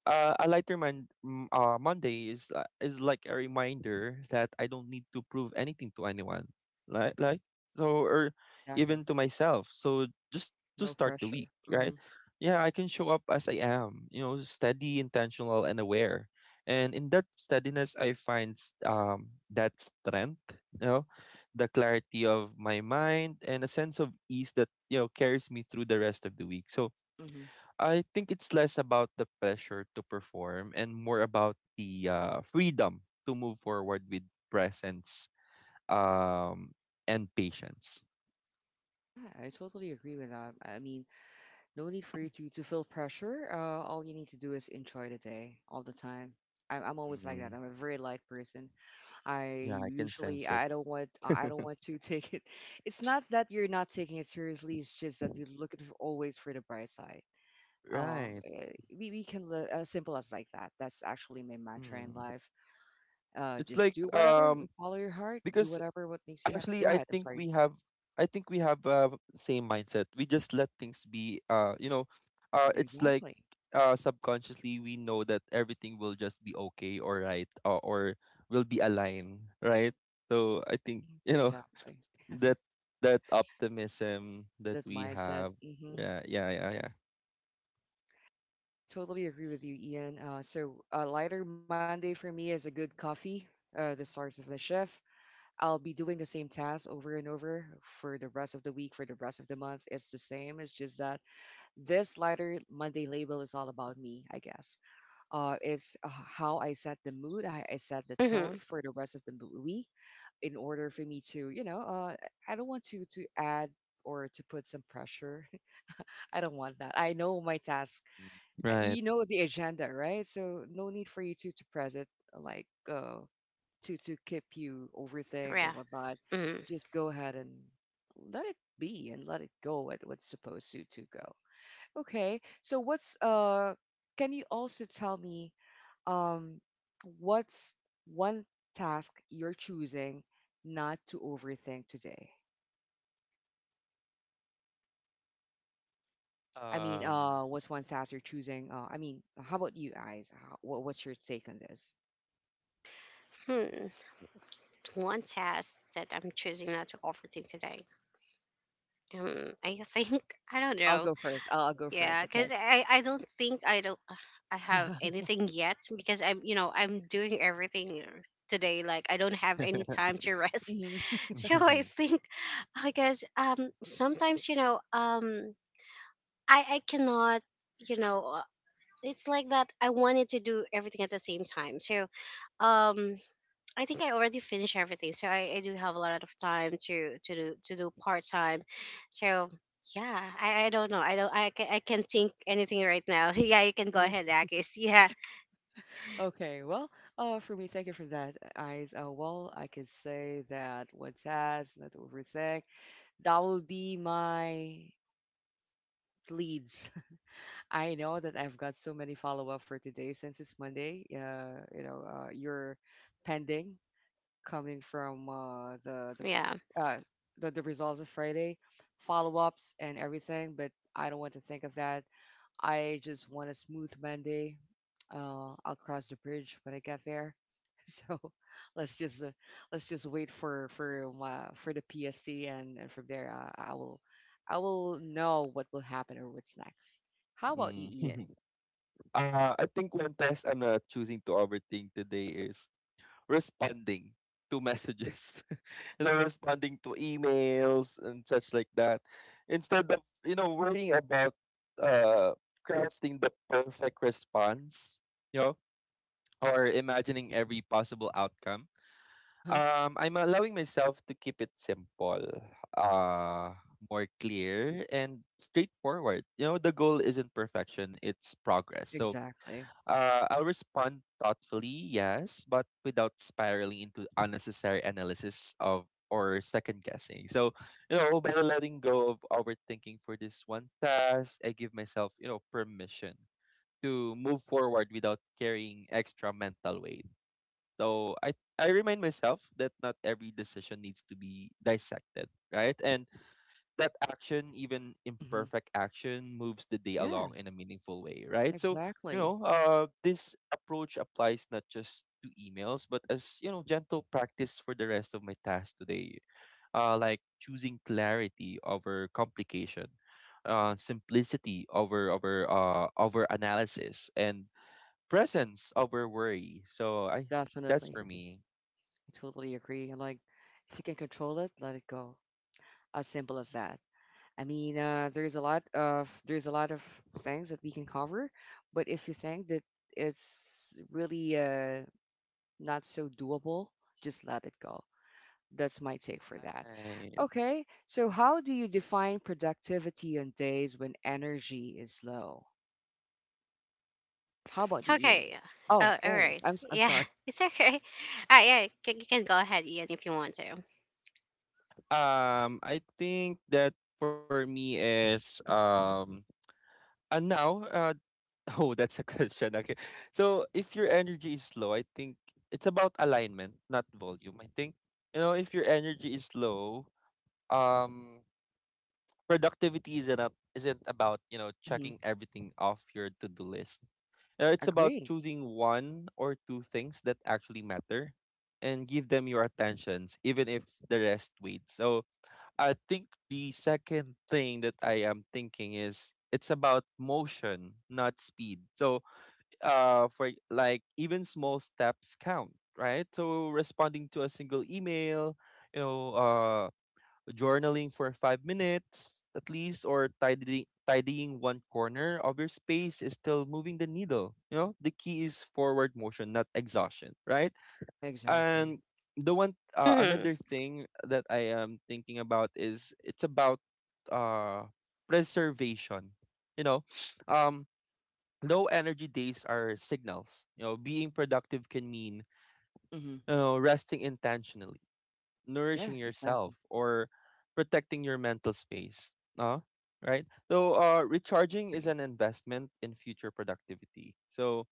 [SPEAKER 2] uh, a lighter man, m- uh, Monday is uh, is like a reminder that I don't need to prove anything to anyone, like like so, or
[SPEAKER 1] exactly.
[SPEAKER 2] even to myself. So just to
[SPEAKER 1] No
[SPEAKER 2] start the
[SPEAKER 1] pressure.
[SPEAKER 2] week, right?
[SPEAKER 1] Mm-hmm.
[SPEAKER 2] Yeah, I can show up as I am, you know, steady, intentional, and aware. And in that steadiness, I find s- um that strength, you know, the clarity of my mind and a sense of ease that, you know, carries me through the rest of the week. So
[SPEAKER 1] Mm-hmm.
[SPEAKER 2] I think it's less about the pressure to perform and more about the uh, freedom to move forward with presence um and patience.
[SPEAKER 1] Yeah, I totally agree with that. I mean, no need for you to, to feel pressure. Uh, all you need to do is enjoy the day all the time. I'm, I'm always like that.
[SPEAKER 2] Mm,
[SPEAKER 1] I'm a very light person. I
[SPEAKER 2] yeah, I can
[SPEAKER 1] usually
[SPEAKER 2] sense it.
[SPEAKER 1] I don't want I don't want to take it. It's not that you're not taking it seriously. It's just that you're looking always for the bright side. Um,
[SPEAKER 2] Right.
[SPEAKER 1] eh, we we can live as simple as like that. That's actually my mantra in
[SPEAKER 2] Mm.
[SPEAKER 1] life. Uh,
[SPEAKER 2] it's
[SPEAKER 1] just
[SPEAKER 2] like
[SPEAKER 1] do whatever,
[SPEAKER 2] um
[SPEAKER 1] follow your heart, do
[SPEAKER 2] because
[SPEAKER 1] whatever what makes you happy.
[SPEAKER 2] Actually,
[SPEAKER 1] Go
[SPEAKER 2] I
[SPEAKER 1] ahead. I'm
[SPEAKER 2] think
[SPEAKER 1] sorry.
[SPEAKER 2] we have, I think we have uh same mindset. We just let things be, uh you know,
[SPEAKER 1] Mm,
[SPEAKER 2] uh it's like
[SPEAKER 1] exactly.
[SPEAKER 2] uh subconsciously we know that everything will just be okay or right, uh, or will be aligned, right? So I think,
[SPEAKER 1] Mhm,
[SPEAKER 2] you know,
[SPEAKER 1] exactly.
[SPEAKER 2] that that optimism that
[SPEAKER 1] That
[SPEAKER 2] we
[SPEAKER 1] mindset.
[SPEAKER 2] have.
[SPEAKER 1] hmm
[SPEAKER 2] Yeah, yeah, yeah, yeah.
[SPEAKER 1] I totally agree with you, Ian. Uh, so a lighter Monday for me is a good coffee, uh, the start of the shift. I'll be doing the same task over and over for the rest of the week, for the rest of the month. It's the same. It's just that this lighter Monday label is all about me, I guess. Uh, it's uh, how I set the mood. I, I set the
[SPEAKER 3] hmm
[SPEAKER 1] tone for the rest of the mo- week in order for me to, you know, uh, I don't want to to add or to put some pressure. I don't want that. I know my task uh,
[SPEAKER 2] Right.
[SPEAKER 1] you know the agenda, right? So no need for you to to press it, uh, like uh, to to keep you overthink or
[SPEAKER 3] yeah.
[SPEAKER 1] whatnot.
[SPEAKER 3] Mm-hmm.
[SPEAKER 1] Just go ahead and let it be and let it go at what's supposed to to go. Okay, so what's uh? Can you also tell me um, what's one task you're choosing not to overthink today? I mean,
[SPEAKER 2] Um,
[SPEAKER 1] uh, what's one task you're choosing? Uh, I mean, how about you guys? How, wha- what's your take on this?
[SPEAKER 3] Hmm. One task that I'm choosing not to overthink today. Um, I think I don't
[SPEAKER 1] I'll
[SPEAKER 3] know.
[SPEAKER 1] go first. I'll, I'll go
[SPEAKER 3] Yeah,
[SPEAKER 1] first. Okay.
[SPEAKER 3] because I I don't think I don't uh, I have anything yet, because I'm, you know, I'm doing everything today. Like, I don't have any time to rest.
[SPEAKER 1] hmm
[SPEAKER 3] So I think I guess, um sometimes, you know, um I I cannot, you know, uh, it's like that I wanted to do everything at the same time. So um I think I already finished everything, so I, I do have a lot of time to to do to do part time. So yeah, I, I don't know. I don't. I can I can think anything right now. Yeah, you can go
[SPEAKER 1] hmm
[SPEAKER 3] ahead, Akis. Yeah,
[SPEAKER 1] Okay. Well, uh, for me, thank you for that, uh, eyes. Uh, well, I could say that what's has not overthink. That will be my leads. I know that I've got so many follow up for today since it's Monday. Uh, you know, uh, you're pending coming from uh the the f-
[SPEAKER 3] yeah.
[SPEAKER 1] uh the, the results of Friday follow ups and everything, but I don't want to think of that. I just want a smooth Monday. Uh, I'll cross the bridge when I get there. So let's just uh, let's just wait for for uh, for the P S C, and, and from there uh, I will I will know what will happen or what's next. How about you,
[SPEAKER 2] Mm.
[SPEAKER 1] Ian?
[SPEAKER 2] uh, I think one test I'm not choosing to overthink today is responding to messages. They're responding to emails and such like that. Instead of, you know, worrying about uh crafting the perfect response, you know, or imagining every possible outcome.
[SPEAKER 1] Uh huh.
[SPEAKER 2] Um, I'm allowing myself to keep it simple, uh, more clear and straightforward. You know, the goal isn't perfection, it's progress. So
[SPEAKER 1] Exactly.
[SPEAKER 2] uh, I'll respond thoughtfully, yes, but without spiraling into unnecessary analysis of or second guessing. So, you know, by letting go of overthinking for this one task, I give myself, you know, permission to move forward without carrying extra mental weight. So I I remind myself that not every decision needs to be dissected, right? And that action, even
[SPEAKER 1] hmm
[SPEAKER 2] imperfect action, moves the day
[SPEAKER 1] Yeah.
[SPEAKER 2] along in a meaningful way, right? So, you
[SPEAKER 1] Exactly.
[SPEAKER 2] know, uh, this approach applies not just to emails, but as, you know, gentle practice for the rest of my tasks today. Uh, like choosing clarity over complication,
[SPEAKER 1] hmm
[SPEAKER 2] uh, simplicity over over uh, over analysis, and presence over worry. So I That's
[SPEAKER 1] Definitely.
[SPEAKER 2] for me.
[SPEAKER 1] I totally agree. And like, if you can control it, let it go. As simple as that. I mean, uh, there's a lot of there's a lot of things that we can cover, but if you think that it's really uh, not so doable, just let it go. That's my take for that.
[SPEAKER 2] Right.
[SPEAKER 1] Okay, so how do you define productivity on days when energy is low? How about you, Ian?
[SPEAKER 3] Okay.
[SPEAKER 1] Oh,
[SPEAKER 3] Oh, all
[SPEAKER 1] yes.
[SPEAKER 3] right.
[SPEAKER 1] I'm s- I'm
[SPEAKER 3] Yeah,
[SPEAKER 1] sorry.
[SPEAKER 3] it's okay. Uh, yeah, you can, you can go ahead, Ian, if you want to.
[SPEAKER 2] Um, I think that for me is um And now, uh, oh, that's a question. Okay. So if your energy is low, I think it's about alignment, not volume. I think, you know, if your energy is low, um, productivity isn't, a- isn't about, you know,
[SPEAKER 1] hmm
[SPEAKER 2] checking everything off your to do list. Uh, it's about
[SPEAKER 1] Agree.
[SPEAKER 2] choosing one or two things that actually matter and give them your attentions, even if the rest waits. So I think the second thing that I am thinking is it's about motion, not speed. So, uh, for like even small steps count, right? So responding to a single email, you know, uh, journaling for five minutes at least, or tidying tidying one corner of your space is still moving the needle. You know, the key is forward motion, not exhaustion, right?
[SPEAKER 1] Exactly.
[SPEAKER 2] And the one uh,
[SPEAKER 3] Mm-hmm.
[SPEAKER 2] another thing that I am thinking about is it's about uh preservation. You know, um low energy days are signals. You know, being productive can mean,
[SPEAKER 1] hmm
[SPEAKER 2] you know, resting intentionally,
[SPEAKER 1] Yeah,
[SPEAKER 2] nourishing
[SPEAKER 1] exactly.
[SPEAKER 2] yourself, or protecting your mental space. Uh, right? So uh recharging is
[SPEAKER 1] Agree.
[SPEAKER 2] an investment in future productivity. So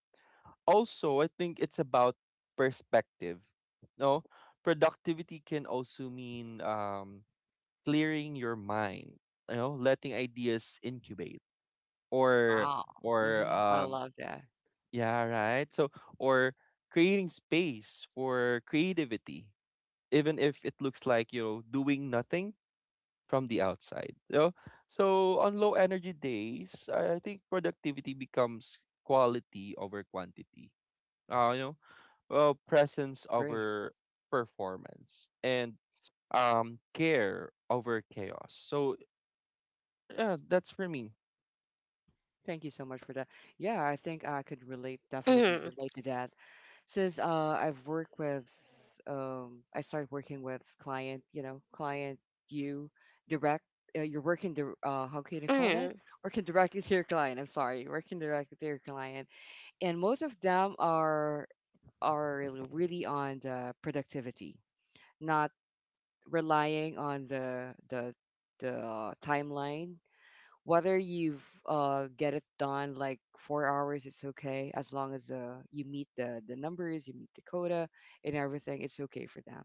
[SPEAKER 2] also I think it's about perspective. No, productivity can also mean um, clearing your mind. You know, letting ideas incubate, or
[SPEAKER 1] Wow.
[SPEAKER 2] or
[SPEAKER 1] hmm I
[SPEAKER 2] um,
[SPEAKER 1] love that.
[SPEAKER 2] yeah, right. So or creating space for creativity, even if it looks like, you know, doing nothing from the outside. You know? So on low energy days, I I think productivity becomes quality over quantity. Uh, you know, well, presence
[SPEAKER 1] Agree.
[SPEAKER 2] over performance and um care over chaos. So yeah, that's for me.
[SPEAKER 1] Mhm. Thank you so much for that. Yeah, I think I could relate, definitely
[SPEAKER 3] Mm-hmm.
[SPEAKER 1] relate to that. Since uh, I've worked with, um, I started working with client, you know, client, you direct, uh, you're working, di- uh, how can you call that?
[SPEAKER 3] Mm-hmm.
[SPEAKER 1] Working directly to your client. I'm sorry, working directly to your client, and most of them are are really on the productivity, not relying on the the the uh, timeline whether you've uh get it done like four hours. It's okay as long as uh you meet the the numbers, you meet the quota, and everything it's okay for them.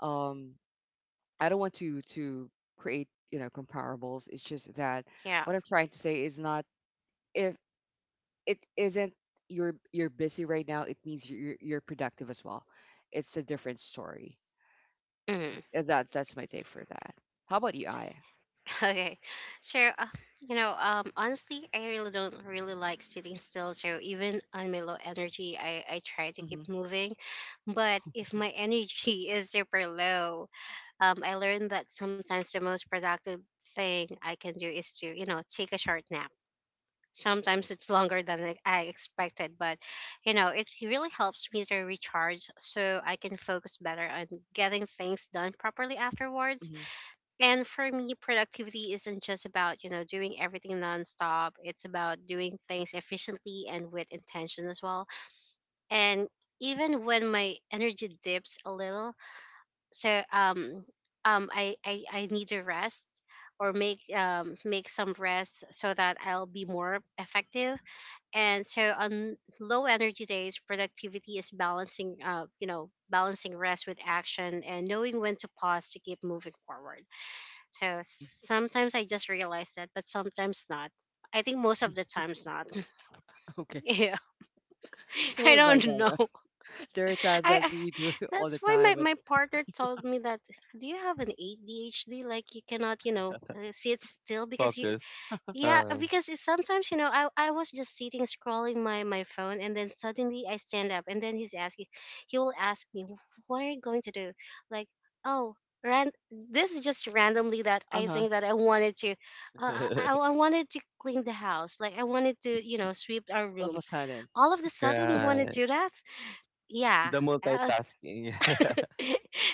[SPEAKER 1] um I don't want to to create, you know, comparables. It's just that
[SPEAKER 3] Yeah.
[SPEAKER 1] what I'm trying to say is not, if it isn't, you're you're busy right now, it means you're you're you're productive as well, it's a different story.
[SPEAKER 3] Mhm.
[SPEAKER 1] Uh, that's that's my take for that. How about you? I
[SPEAKER 3] Okay. So, uh, you know, um, honestly, I really don't really like sitting still. So even on my low energy, I, I try to
[SPEAKER 1] Mm-hmm.
[SPEAKER 3] keep moving. But
[SPEAKER 1] Oh,
[SPEAKER 3] if my energy is super low, um, I learned that sometimes the most productive thing I can do is to, you know, take a short nap. Sometimes it's longer than I I expected, but you know, it really helps me to recharge so I can focus better on getting things done properly afterwards.
[SPEAKER 1] mhm,
[SPEAKER 3] And for me, productivity isn't just about, you know, doing everything nonstop. It's about doing things efficiently and with intention as well. And even when my energy dips a little, so um um I I, I need to rest or make um make some rest so that I'll be more effective. And so on low energy days, productivity is balancing uh you know, balancing rest with action and knowing when to pause to keep moving forward. So
[SPEAKER 1] mhm.
[SPEAKER 3] sometimes I just realize that, but sometimes not. I think most of the times not.
[SPEAKER 1] Okay.
[SPEAKER 3] Yeah.
[SPEAKER 1] It's
[SPEAKER 3] I
[SPEAKER 1] always like
[SPEAKER 3] don't
[SPEAKER 1] that,
[SPEAKER 3] know.
[SPEAKER 1] right? There are times
[SPEAKER 3] I,
[SPEAKER 1] that
[SPEAKER 3] I
[SPEAKER 1] we do it all
[SPEAKER 3] That's
[SPEAKER 1] the
[SPEAKER 3] why my,
[SPEAKER 1] time, but
[SPEAKER 3] my partner told me that, do you have an A D H D? Like, you cannot, you know, uh, sit still because you,
[SPEAKER 2] Focus.
[SPEAKER 3] yeah, uh,
[SPEAKER 2] uh,
[SPEAKER 3] because it's sometimes, you know, I, I was just sitting scrolling my, my phone, and then suddenly I stand up, and then he's asking, he will ask me, what are you going to do? Like, oh, ran- this is just randomly that I think
[SPEAKER 1] uh-huh,
[SPEAKER 3] that I wanted to, uh, I,
[SPEAKER 2] right.
[SPEAKER 3] I wanted to clean the house. Like, I wanted to, you know, sweep our
[SPEAKER 1] all
[SPEAKER 3] room.
[SPEAKER 1] of a sudden.
[SPEAKER 3] All of a sudden you want to do that? Yeah.
[SPEAKER 2] The
[SPEAKER 3] Uh,
[SPEAKER 2] multitasking.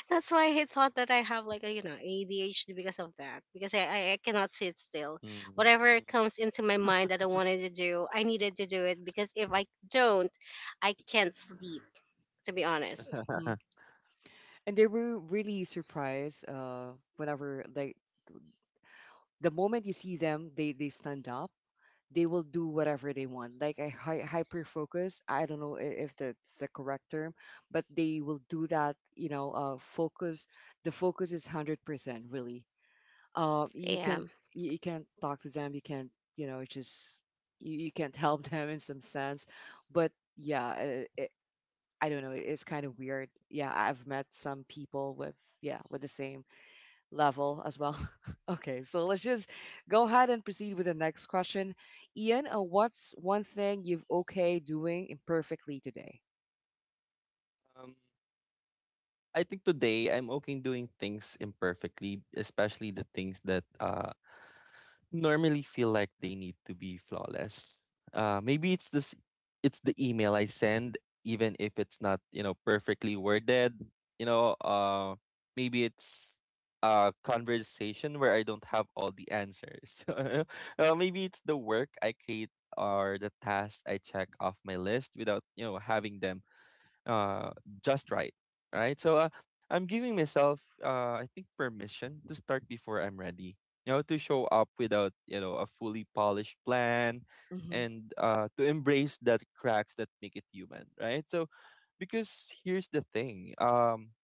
[SPEAKER 3] that's why he thought that I have like a you know A D H D because of that. Because I, I I cannot sit still. Whatever
[SPEAKER 2] Mm.
[SPEAKER 3] comes into my mind that I wanted to do, I needed to do it because if I don't, I can't sleep. To be honest.
[SPEAKER 1] Hmm.
[SPEAKER 2] um,
[SPEAKER 1] And they were really surprised uh, whenever, like, the moment you see them, they, they stand up. They will do whatever they want. Like a hi- hyper focus. I don't know i- if that's the correct term, but they will do that. You know, uh, focus. The focus is hundred percent. Really, uh, you
[SPEAKER 3] Yeah.
[SPEAKER 1] can't you, you can't talk to them. You can't, you know, just you, you can't help them in some sense, but yeah, uh, i I don't know, it's kind of weird. Yeah, I've met some people with, yeah, with the same level as well. Okay, so let's just go ahead and proceed with the next question. Ian, uh, what's one thing you've okay doing imperfectly today?
[SPEAKER 2] I think today I'm okay doing things imperfectly, especially the things that uh, normally feel like they need to be flawless. Uh, maybe it's this, it's the email I send, even if it's not, you know, perfectly worded. You know, uh, Maybe it's a conversation where I don't have all the answers. Uh, maybe it's the work I create or the tasks I check off my list without, you know, having them uh, just right, right? So uh, I'm giving myself, uh, I think, permission to start before I'm ready. You know, to show up without, you know, a fully polished plan,
[SPEAKER 1] Mhm.
[SPEAKER 2] and uh, to embrace the cracks that make it human, right? So, because here's the thing, um,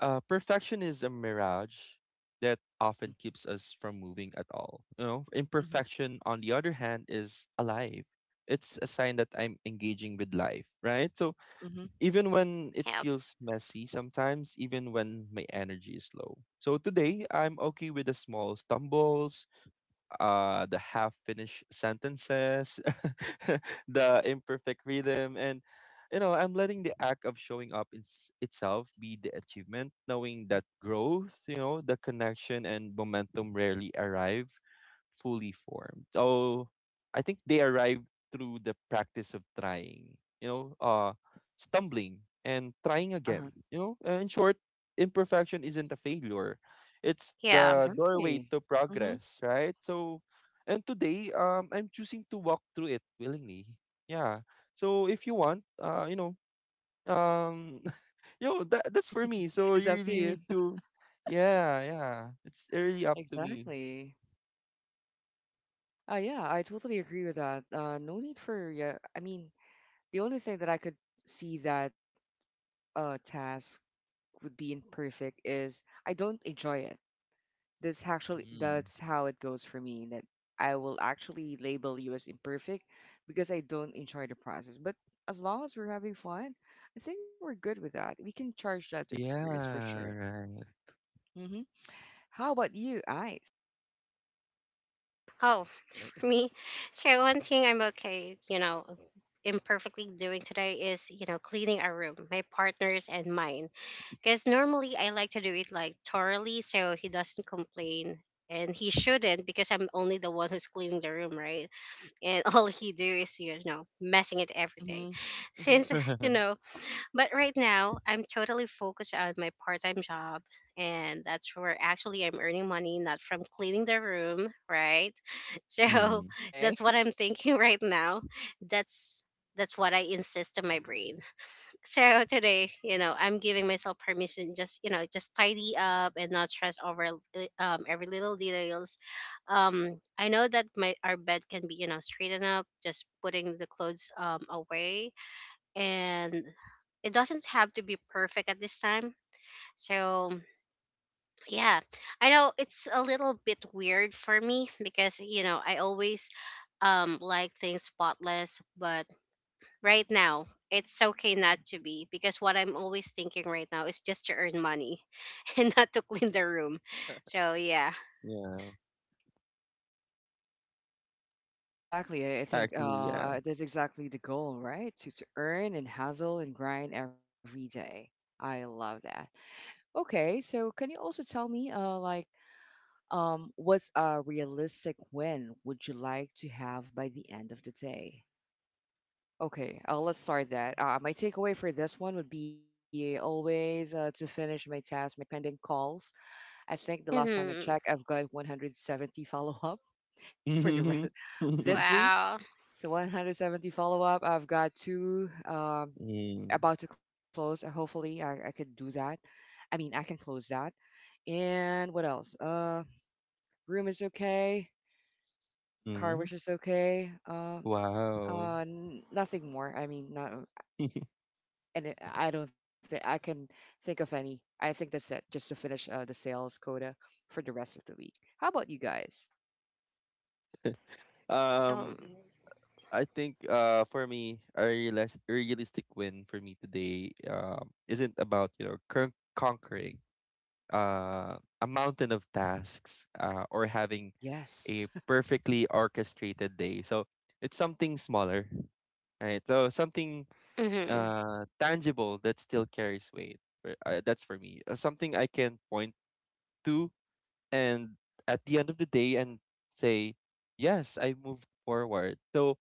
[SPEAKER 2] uh, perfection is a mirage that often
[SPEAKER 1] Mhm.
[SPEAKER 2] keeps us from moving at all. You know,
[SPEAKER 1] Mhm.
[SPEAKER 2] imperfection, on the other hand, is alive. It's a sign that I'm engaging with life, right? So
[SPEAKER 1] Mhm.
[SPEAKER 2] even when it
[SPEAKER 3] Yeah.
[SPEAKER 2] feels messy sometimes, even when my energy is low. So today, I'm okay with the small stumbles, uh, the half finished sentences, the imperfect rhythm, and you know, I'm letting the act of showing up in s- itself be the achievement, knowing that growth, you know, the connection and momentum rarely arrive fully formed. So I think they arrived through the practice of trying, you know, uh, stumbling and trying
[SPEAKER 1] Uh-huh.
[SPEAKER 2] again. You know, uh, in short, imperfection isn't a failure; it's
[SPEAKER 3] Yeah.
[SPEAKER 2] the doorway
[SPEAKER 1] Exactly.
[SPEAKER 2] to
[SPEAKER 1] Mm-hmm.
[SPEAKER 2] progress, right? So, and today, um, I'm choosing to walk through it willingly. Yeah. So if you want, uh, you know, um, you know that that's for me. So
[SPEAKER 1] It's
[SPEAKER 2] you
[SPEAKER 1] up to
[SPEAKER 2] really
[SPEAKER 1] you.
[SPEAKER 2] need to, yeah, yeah. It's really up to me.
[SPEAKER 1] Exactly. Uh, yeah, I totally agree with that. Uh, no need for, yeah, I mean, the only thing that I could see that uh, task being perfect is I don't enjoy it. That's actually
[SPEAKER 2] Hmm.
[SPEAKER 1] that's how it goes for me. That I will actually label you as imperfect because I don't enjoy the process. But as long as we're having fun, I think we're good with that. We can charge that to
[SPEAKER 2] Yeah,
[SPEAKER 1] experience for sure.
[SPEAKER 2] right.
[SPEAKER 1] Hmm. How about you, Ice?
[SPEAKER 3] Oh, me. So one thing I'm okay, you know, imperfectly doing today is, you know, cleaning our room, my partner's and mine. Because normally I like to do it like thoroughly so he doesn't complain. And he shouldn't because I'm only the one who's cleaning the room, right? And all he do is, you know, messing it everything.
[SPEAKER 1] Hmm. Hmm.
[SPEAKER 3] Since, you know, but right now, I'm totally focused on my part-time job, and that's where actually I'm earning money, not from cleaning the room, right? So
[SPEAKER 2] Mm,
[SPEAKER 1] Okay.
[SPEAKER 3] that's what I'm thinking right now. That's that's what I insist on my brain. So today, you know, I'm giving myself permission, just you know, just tidy up and not stress over li- um, every little details. Um, I know that my our bed can be you know straightened up, just putting the clothes um away, and it doesn't have to be perfect at this time. So, yeah, I know it's a little bit weird for me because, you know, I always um like things spotless, but right now it's okay not to be, because what I'm always thinking right now is just to earn money and not to clean the room. So, yeah.
[SPEAKER 2] yeah.
[SPEAKER 1] Exactly. I I think uh,
[SPEAKER 2] Actually, yeah.
[SPEAKER 1] uh, that's exactly the goal, right? To, to earn and hustle and grind every day. I love that. Okay, so can you also tell me, uh, like, Um, what's a realistic win would you like to have by the end of the day? Okay, uh, let's start that. Uh, my takeaway for this one would be always uh, to finish my tasks, my pending calls. I think the last time I checked,
[SPEAKER 3] Hmm.
[SPEAKER 1] I've got one hundred seventy follow up for the rest this week.
[SPEAKER 3] Wow.
[SPEAKER 1] So one hundred seventy follow up. I've got two um,
[SPEAKER 2] Mm,
[SPEAKER 1] about to close. Uh, hopefully, I, I could do that. I mean, I can close that. And what else? Uh, room is okay. Car,
[SPEAKER 2] mm.
[SPEAKER 1] which is okay. Um
[SPEAKER 2] Wow.
[SPEAKER 1] uh n- nothing more, I mean, not, and it, I don't think I can think of any. I think that's it, just to finish uh, the sales quota for the rest of the week. How about you guys?
[SPEAKER 3] Um,
[SPEAKER 2] Um, I think uh for me a realis- a realistic win for me today um isn't about, you know, con conquering uh a mountain of tasks uh or having
[SPEAKER 1] Yes.
[SPEAKER 2] a perfectly orchestrated day. So it's something smaller, right? So something
[SPEAKER 3] mhm.
[SPEAKER 2] uh tangible that still carries weight. For- uh, that's for me, uh, something I can point to and at the end of the day and say yes, I moved forward. So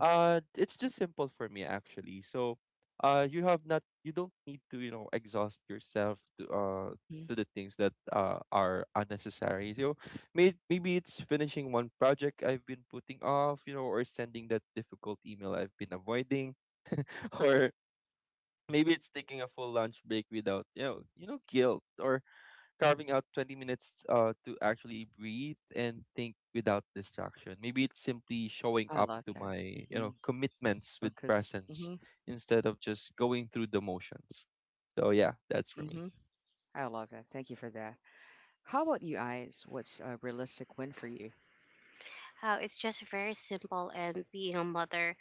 [SPEAKER 2] uh it's just simple for me actually. So uh you have not, you don't need to, you know, exhaust yourself to uh
[SPEAKER 1] Hmm.
[SPEAKER 2] to the things that uh, are unnecessary. So may- maybe it's finishing one project I've been putting off, you know, or sending that difficult email I've been avoiding, or maybe it's taking a full lunch break without, you know, you know, guilt, or carving out twenty minutes uh, to actually breathe and think without distraction. Maybe it's simply showing
[SPEAKER 1] I
[SPEAKER 2] up
[SPEAKER 1] love
[SPEAKER 2] to
[SPEAKER 1] that.
[SPEAKER 2] my, you
[SPEAKER 1] Hmm.
[SPEAKER 2] know, commitments with
[SPEAKER 1] Focus.
[SPEAKER 2] presence
[SPEAKER 1] Hmm.
[SPEAKER 2] instead of just going through the motions. So yeah, that's for me.
[SPEAKER 1] Hmm. I love that, thank you for that. How about you guys, what's a realistic win for you?
[SPEAKER 3] How it's just very simple, and being a mother,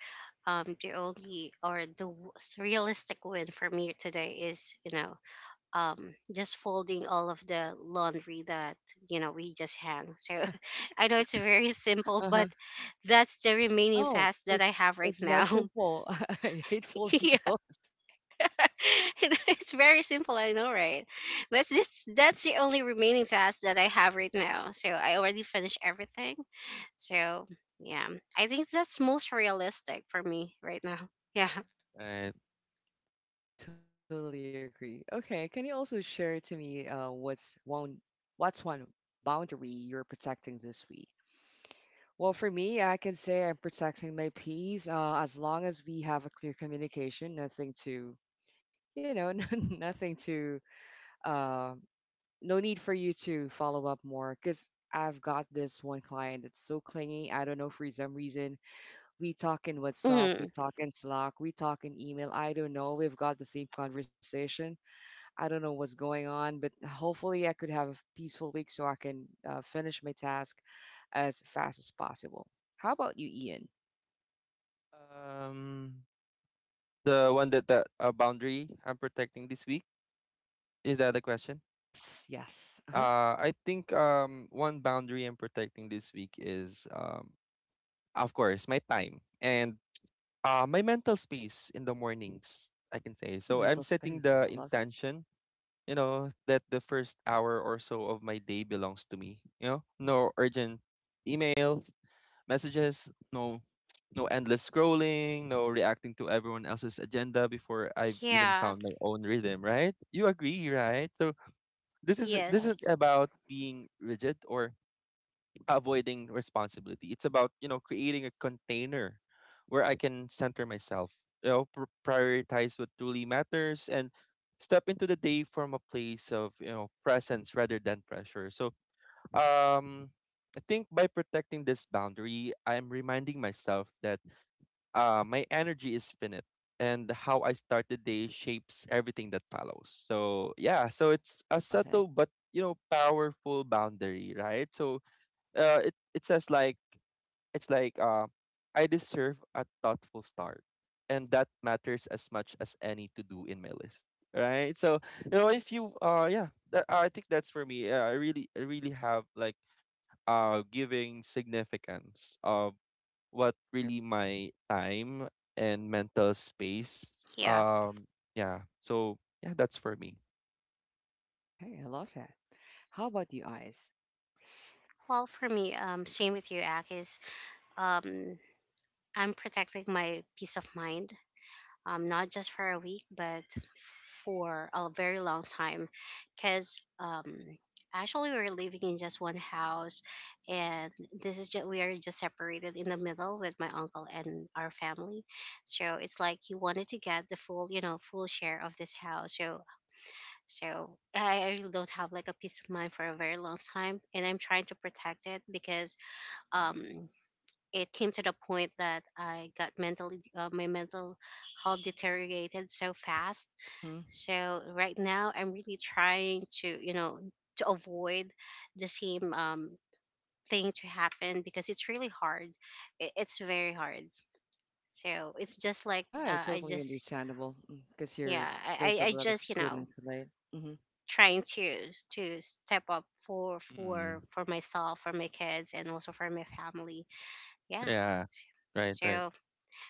[SPEAKER 3] um, the only or the w- realistic win for me today is, you know, um just folding all of the laundry that you know we just hang. So I know it's very simple, but
[SPEAKER 1] Uh-huh.
[SPEAKER 3] that's the remaining task that
[SPEAKER 1] No,
[SPEAKER 3] I have
[SPEAKER 1] it's,
[SPEAKER 3] right
[SPEAKER 1] it's
[SPEAKER 3] now.
[SPEAKER 1] not simple. I hate
[SPEAKER 3] Yeah,
[SPEAKER 1] folding clothes.
[SPEAKER 3] it's very simple, I know, right? But it's just that's the only remaining task that I have right now. So I already finished everything, so yeah, I think that's most realistic for me right now. Yeah.
[SPEAKER 2] And
[SPEAKER 1] I totally agree. Okay, can you also share to me, uh, what's one what's one boundary you're protecting this week? Well, for me, I can say I'm protecting my peace, uh, as long as we have a clear communication, nothing to, you know, nothing to, uh, no need for you to follow up more because I've got this one client that's so clingy. I don't know for some reason. We talk in WhatsApp, we
[SPEAKER 3] Mm.
[SPEAKER 1] talk in Slack, we talk in email. I don't know, we've got the same conversation. I don't know what's going on, but hopefully I could have a peaceful week so I can uh, finish my task as fast as possible. How about you, Ian?
[SPEAKER 2] um, the one that the uh, boundary I'm protecting this week, is that the question?
[SPEAKER 1] Yes, yes. Uh huh.
[SPEAKER 2] Uh, I think um one boundary I'm protecting this week is um of course my time and uh, my mental space in the mornings, I can say.
[SPEAKER 1] Yeah,
[SPEAKER 2] So I'm
[SPEAKER 1] mental
[SPEAKER 2] setting
[SPEAKER 1] space,
[SPEAKER 2] the
[SPEAKER 1] I love that.
[SPEAKER 2] intention, you know, that the first hour or so of my day belongs to me. You know, no urgent emails, messages, no no endless scrolling, no reacting to everyone else's agenda before I've
[SPEAKER 3] Yeah.
[SPEAKER 2] even found my own rhythm, right? You agree, right? So this is
[SPEAKER 3] Yes.
[SPEAKER 2] this isn't
[SPEAKER 1] Yes,
[SPEAKER 2] about being rigid or avoiding responsibility. It's about, you know, creating a container where I can center myself, you know, pr- prioritize what truly matters and step into the day from a place of, you know, presence rather than pressure. So, um, I think by protecting this boundary, I'm reminding myself that uh, my energy is finite and how I start the day shapes everything that follows. So, yeah, so it's
[SPEAKER 1] I
[SPEAKER 2] a
[SPEAKER 1] love that.
[SPEAKER 2] subtle but, you know, powerful boundary, right? So, uh, it it says like it's like uh, I deserve a thoughtful start, and that matters as much as any to do in my list, right? So you know, if you uh, yeah, that, I think that's for me. Uh, I really I really have like uh giving significance of what really my time and mental space.
[SPEAKER 3] Yeah.
[SPEAKER 2] Um, yeah. So yeah, that's for me.
[SPEAKER 1] Okay, I love that. How about you, eyes?
[SPEAKER 3] Well, for me, um, same with you, Akis. Um, I'm protecting my peace of mind, um, not just for a week, but for a very long time. Because um, actually, we're living in just one house, and this is just we are just separated in the middle with my uncle and our family. So it's like he wanted to get the full, you know, full share of this house. So, so I, I really don't have like a peace of mind for a very long time, and I'm trying to protect it because um it came to the point that I got mentally, uh, my mental health deteriorated so fast.
[SPEAKER 1] Mm-hmm.
[SPEAKER 3] So right now, I'm really trying to, you know, to avoid the same um, thing to happen because it's really hard. I- It's very hard. So it's just like
[SPEAKER 1] Yeah,
[SPEAKER 3] uh,
[SPEAKER 1] it's
[SPEAKER 3] I
[SPEAKER 1] totally
[SPEAKER 3] just,
[SPEAKER 1] understandable because
[SPEAKER 3] yeah,
[SPEAKER 1] you're,
[SPEAKER 3] I,
[SPEAKER 1] there's
[SPEAKER 3] I
[SPEAKER 1] a
[SPEAKER 3] I
[SPEAKER 1] lot of
[SPEAKER 3] just, you know,
[SPEAKER 1] couldn't relate. Mm-hmm.
[SPEAKER 3] trying to to step up for for
[SPEAKER 2] Mm,
[SPEAKER 3] for myself, for my kids, and also for my family. Yeah.
[SPEAKER 2] yeah. Right. Right.
[SPEAKER 3] So,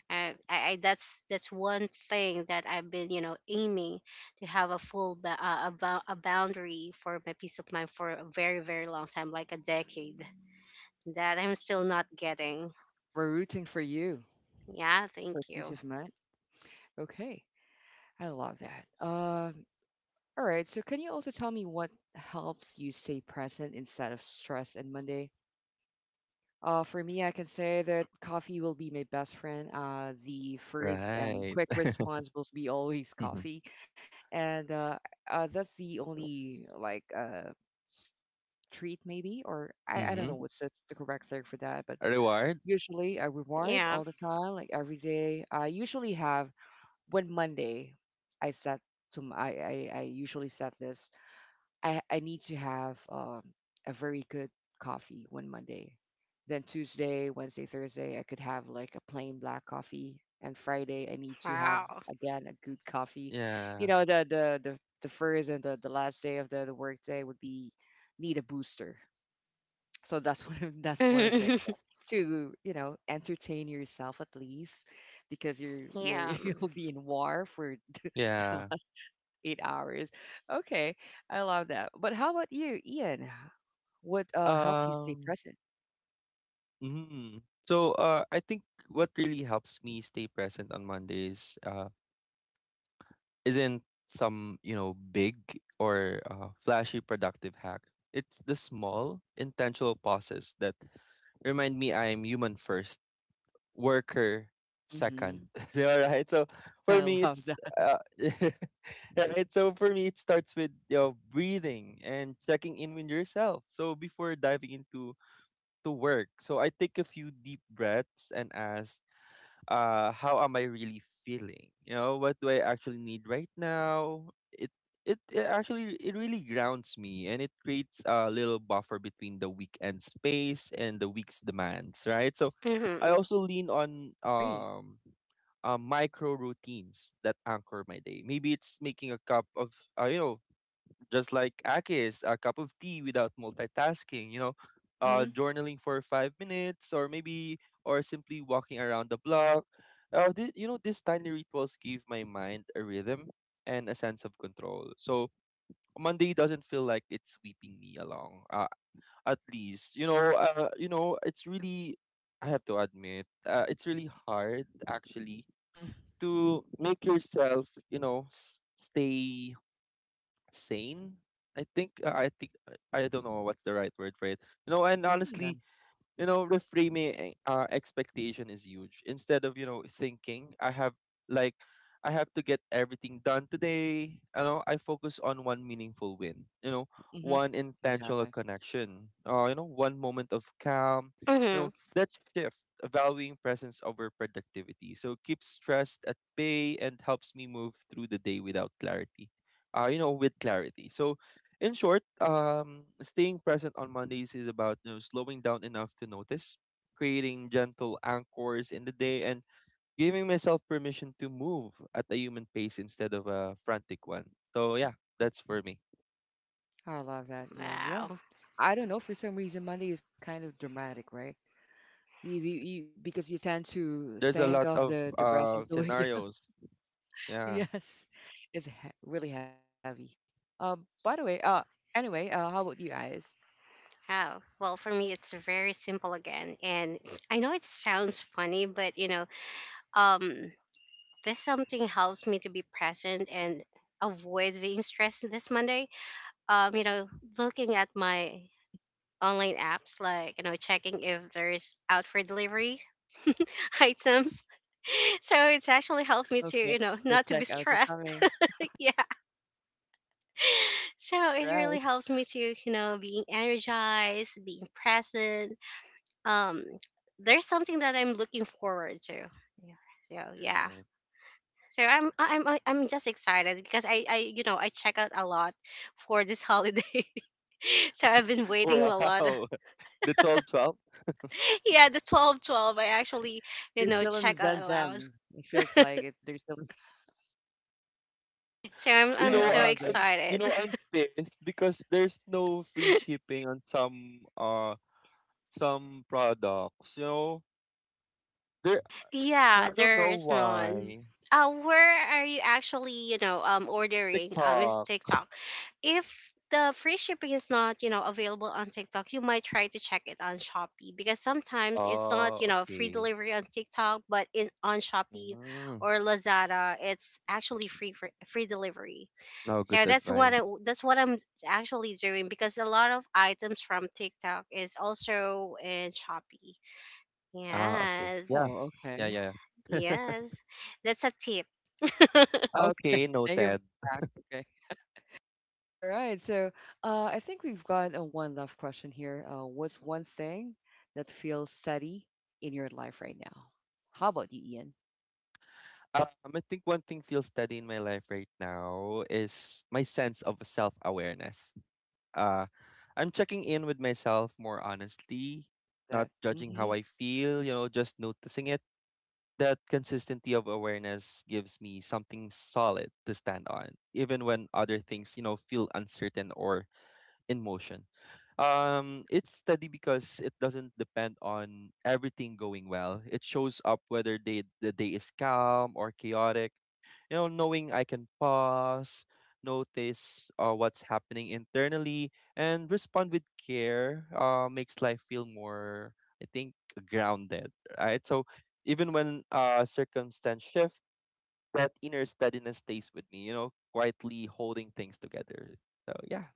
[SPEAKER 3] I, I I- that's that's one thing that I've been, you know, aiming to have a full ba- uh, a, bou- a boundary for my peace of mind for a very very long time, like a decade, that I'm still not getting.
[SPEAKER 1] We're rooting for you
[SPEAKER 3] Yeah,
[SPEAKER 1] for
[SPEAKER 3] thank
[SPEAKER 1] peace
[SPEAKER 3] you.
[SPEAKER 1] of mind. Okay, I love that. Uh, All right. So, can you also tell me what helps you stay present instead of stress in Monday? Uh, for me, I can say that coffee will be my best friend. Uh, the first and
[SPEAKER 2] Right.
[SPEAKER 1] quick response will be always
[SPEAKER 2] Mm-hmm.
[SPEAKER 1] coffee, and uh, uh, that's the only like uh, s- treat maybe, or I, I don't
[SPEAKER 2] Mm-hmm.
[SPEAKER 1] know what's the, the correct thing for that, but
[SPEAKER 2] A reward.
[SPEAKER 1] usually I reward
[SPEAKER 3] Yeah,
[SPEAKER 1] all the time, like every day. I usually have when Monday, I set to m- I I, I usually set this. I, I need to have um, a very good coffee one Monday. Then Tuesday, Wednesday, Thursday, I could have like a plain black coffee. And Friday, I need to have
[SPEAKER 3] wow.
[SPEAKER 1] again a good coffee. You
[SPEAKER 2] Yeah,
[SPEAKER 1] know, the the the, the first and the, the last day of the, the work day would be need a booster. So that's what I'm, that's what I'm thinking
[SPEAKER 3] Yeah.
[SPEAKER 1] to, you know, entertain yourself at least, because you're you're you'll be in war for the
[SPEAKER 2] yeah.
[SPEAKER 1] last eight hours. Okay, I love that. But how about you, Ian? What uh, helps you stay
[SPEAKER 2] Um,
[SPEAKER 1] present?
[SPEAKER 2] mhm. So, uh, I think what really helps me stay present on Mondays, uh, isn't some, you know, big or uh, flashy productive hack. It's the small, intentional pauses that remind me I'm human first, worker
[SPEAKER 1] Hmm.
[SPEAKER 2] second. All right. So, for
[SPEAKER 1] I
[SPEAKER 2] me,
[SPEAKER 1] love
[SPEAKER 2] it's
[SPEAKER 1] that.
[SPEAKER 2] uh, right. So for me, it starts with you know breathing and checking in with yourself. So before diving into to work. So I take a few deep breaths and ask, uh, how am I really feeling? You know, what do I actually need right now? It it, it actually it really grounds me and it creates a little buffer between the weekend space and the week's demands, right? So I
[SPEAKER 3] Mm-hmm.
[SPEAKER 2] also lean on
[SPEAKER 1] Great.
[SPEAKER 2] um uh, micro routines that anchor my day. Maybe it's making a cup of, uh, you know, just like Akis, a cup of tea without multitasking, you know, uh,
[SPEAKER 1] Mm-hmm.
[SPEAKER 2] journaling for five minutes or maybe, or simply walking around the block. Uh, th- you know, these tiny rituals give my mind a rhythm and a sense of control. So Monday doesn't feel like it's sweeping me along, uh, at least. You know, uh, you know, it's really, I have to admit, uh, it's really hard actually
[SPEAKER 1] Mm-hmm.
[SPEAKER 2] to make yourself, you know, s- stay sane. I think uh, I think I I don't know what's the right word for it. You know, and
[SPEAKER 1] Yeah.
[SPEAKER 2] honestly, you know reframing uh, expectation is huge instead of you know thinking I have like I have to get everything done today, you know, I focus on one meaningful win, you know,
[SPEAKER 1] Mm-hmm.
[SPEAKER 2] one intentional
[SPEAKER 1] Exactly.
[SPEAKER 2] connection uh, you know one moment of calm you
[SPEAKER 3] Mm-hmm.
[SPEAKER 2] know that shift, valuing presence over productivity, so keeps stress at bay and helps me move through the day without clarity uh, you know, with clarity. So in short, um, staying present on Mondays is about you know, slowing down enough to notice, creating gentle anchors in the day, and giving myself permission to move at a human pace instead of a frantic one. So yeah, that's for me.
[SPEAKER 1] I love that, Ian. Yeah.
[SPEAKER 3] Wow.
[SPEAKER 1] I don't know, for some reason, Monday is kind of dramatic, right? You, you, you, because you tend to
[SPEAKER 2] There's a
[SPEAKER 1] think
[SPEAKER 2] lot
[SPEAKER 1] of
[SPEAKER 2] of
[SPEAKER 1] the, the rest of
[SPEAKER 2] uh,
[SPEAKER 1] the week.
[SPEAKER 2] scenarios. Yeah.
[SPEAKER 1] Yes, it's he- really heavy. Um, by the way, uh, anyway, uh, how about you guys?
[SPEAKER 3] Oh, well, for me, it's very simple again. And it's- I know it sounds funny, but you know, um, this something helps me to be present and avoid being stressed this Monday. Um, you know, looking at my
[SPEAKER 1] Hmm.
[SPEAKER 3] online apps, like, you know, checking if there's out for delivery items. So it's actually helped me to,
[SPEAKER 1] Okay,
[SPEAKER 3] you know,
[SPEAKER 1] the
[SPEAKER 3] not to be
[SPEAKER 1] checkouts are
[SPEAKER 3] stressed.
[SPEAKER 1] coming.
[SPEAKER 3] Yeah.
[SPEAKER 1] All
[SPEAKER 3] So it
[SPEAKER 1] right,
[SPEAKER 3] really helps me to, you know, being energized, being present. Um, there's something that I'm looking forward to. Yeah. So yeah.
[SPEAKER 2] Right.
[SPEAKER 3] So I'm I- I'm I- am I I am just excited because I I you know I check out a lot for this holiday. So I've been waiting a lot.
[SPEAKER 2] Wow. The twelve, twelve.
[SPEAKER 3] Yeah, the twelve twelve, I actually,
[SPEAKER 1] they're
[SPEAKER 3] you know,
[SPEAKER 1] still
[SPEAKER 2] Mhm.
[SPEAKER 1] in the
[SPEAKER 3] check
[SPEAKER 1] Zen
[SPEAKER 3] out a lot.
[SPEAKER 1] Zen. It feels like it. They're still in-
[SPEAKER 3] So I'm
[SPEAKER 2] You
[SPEAKER 3] I'm
[SPEAKER 2] know,
[SPEAKER 1] Okay, I
[SPEAKER 3] so
[SPEAKER 2] I,
[SPEAKER 1] love
[SPEAKER 2] I'm
[SPEAKER 1] that.
[SPEAKER 2] you
[SPEAKER 3] excited.
[SPEAKER 2] know I'm pissed because there's no free shipping on some uh some products. You know, there
[SPEAKER 1] Uh
[SPEAKER 2] I
[SPEAKER 3] Yeah,
[SPEAKER 1] huh.
[SPEAKER 2] don't
[SPEAKER 3] there
[SPEAKER 2] know
[SPEAKER 3] is none.
[SPEAKER 2] why.
[SPEAKER 3] Uh, where are you actually, you know, um, ordering, um, with
[SPEAKER 2] TikTok.
[SPEAKER 3] TikTok? If the free shipping is not, you know, available on TikTok, you might try to check it on Shopee, because sometimes it's not,
[SPEAKER 2] Oh,
[SPEAKER 3] you know, free
[SPEAKER 2] okay.
[SPEAKER 3] delivery on TikTok, but in on Shopee
[SPEAKER 2] Mm,
[SPEAKER 3] or Lazada, it's actually free for, free delivery.
[SPEAKER 2] no
[SPEAKER 3] So
[SPEAKER 2] good
[SPEAKER 3] that's what I,
[SPEAKER 2] advice.
[SPEAKER 3] that's what I'm actually doing, because a lot of items from TikTok is also in Shopee.
[SPEAKER 2] Ah, okay.
[SPEAKER 3] Yes.
[SPEAKER 2] Yeah,
[SPEAKER 1] Oh,
[SPEAKER 2] yeah,
[SPEAKER 1] okay.
[SPEAKER 2] yeah, yeah.
[SPEAKER 3] Yes, that's a tip.
[SPEAKER 1] Okay.
[SPEAKER 2] Okay,
[SPEAKER 1] Thank you for
[SPEAKER 2] noted.
[SPEAKER 1] that. Okay. All right. So, uh, I think we've got a one left question here. Uh, what's one thing that feels steady in your life right now? How about you, Ian?
[SPEAKER 2] Um, I think one thing feels steady in my life right now is my sense of self-awareness. Uh, I'm checking in with myself more honestly,
[SPEAKER 1] Love
[SPEAKER 2] not
[SPEAKER 1] that.
[SPEAKER 2] judging how I feel, you know, just noticing it. That consistency of awareness gives me something solid to stand on, even when other things, you know, feel uncertain or in motion. Um, it's steady because it doesn't depend on everything going well. It shows up whether day, the day is calm or chaotic. You know, knowing I can pause, notice uh, what's happening internally, and respond with care uh, makes life feel more, I think, grounded, right? So even when uh, circumstance shift, that inner steadiness stays with me, you know, quietly holding things together. So yeah.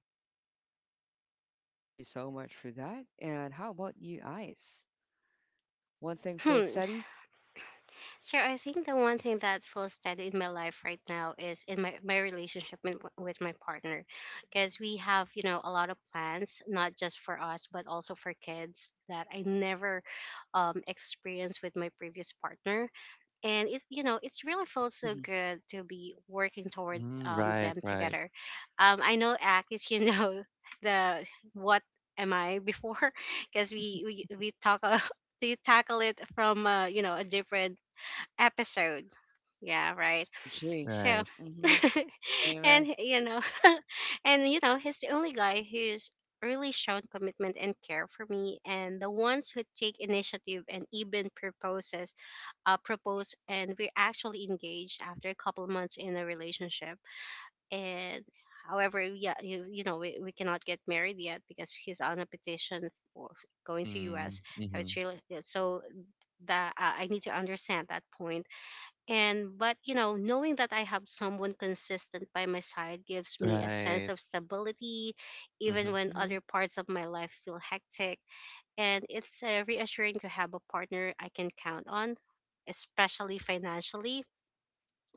[SPEAKER 1] Thank you so much for that. And how about you, Ice? One thing feels
[SPEAKER 3] Hmm.
[SPEAKER 1] steady?
[SPEAKER 3] So I think the one thing that feels steady in my life right now is in my, my relationship with, with my partner, because we have, you know, a lot of plans, not just for us but also for kids that I never um, experienced with my previous partner. And it, you know, it's really feels so
[SPEAKER 1] Mm-hmm.
[SPEAKER 3] good to be working toward
[SPEAKER 2] Mm,
[SPEAKER 3] um,
[SPEAKER 2] right,
[SPEAKER 3] them
[SPEAKER 2] right,
[SPEAKER 3] together. um, I know act is you know, the what am I before, because we, we we talk, uh, we tackle it from, uh, you know, a different episode. Yeah, right.
[SPEAKER 1] Oh, gee.
[SPEAKER 3] So,
[SPEAKER 2] right.
[SPEAKER 1] Mm-hmm. Amen.
[SPEAKER 3] and you know, and you know, he's the only guy who's really shown commitment and care for me, and the ones who take initiative and even proposes, uh, propose, and we're actually engaged after a couple months in a relationship. And however, yeah, you, you know, we, we cannot get married yet because he's on a petition for going to
[SPEAKER 2] Mm,
[SPEAKER 3] U S. So
[SPEAKER 2] mm-hmm.
[SPEAKER 3] it's really so that uh, I need to understand that point. And but you know, knowing that I have someone consistent by my side gives me a sense
[SPEAKER 2] Right.
[SPEAKER 3] of stability even
[SPEAKER 2] Mm-hmm.
[SPEAKER 3] when
[SPEAKER 1] Mm-hmm.
[SPEAKER 3] other parts of my life feel hectic. And it's uh, reassuring to have a partner I can count on, especially financially,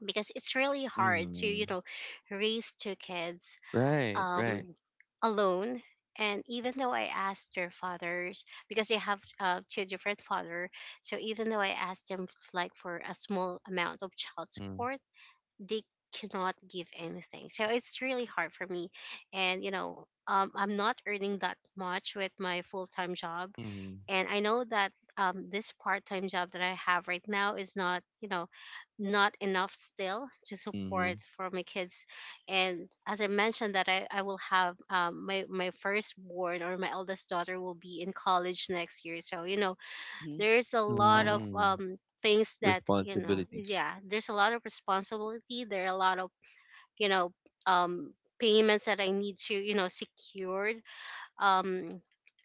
[SPEAKER 3] because it's really hard to,
[SPEAKER 2] Mm-hmm.
[SPEAKER 3] you know, raise two kids
[SPEAKER 2] Right, right.
[SPEAKER 3] um alone. And even though I asked their fathers, because they have uh, two different father, so even though I asked them f- like for a small amount of child
[SPEAKER 2] Mm,
[SPEAKER 3] support, they cannot give anything. So it's really hard for me. And, you know, um, I'm not earning that much with my full time job.
[SPEAKER 2] mm-hmm.
[SPEAKER 3] And I know that um, this part time job that I have right now is not, you know, not enough still to
[SPEAKER 2] Mm-hmm.
[SPEAKER 3] support for my kids. And as I mentioned, that I, I will have um, my, my firstborn or my eldest daughter will be in college next year. So, you know,
[SPEAKER 1] Mm-hmm.
[SPEAKER 3] there's a lot of
[SPEAKER 1] Wow.
[SPEAKER 2] Mm-hmm.
[SPEAKER 3] um things that you know
[SPEAKER 2] Responsibilities.
[SPEAKER 3] yeah there's a lot of responsibility, there are a lot of, you know, um payments that I need to, you know, secured, um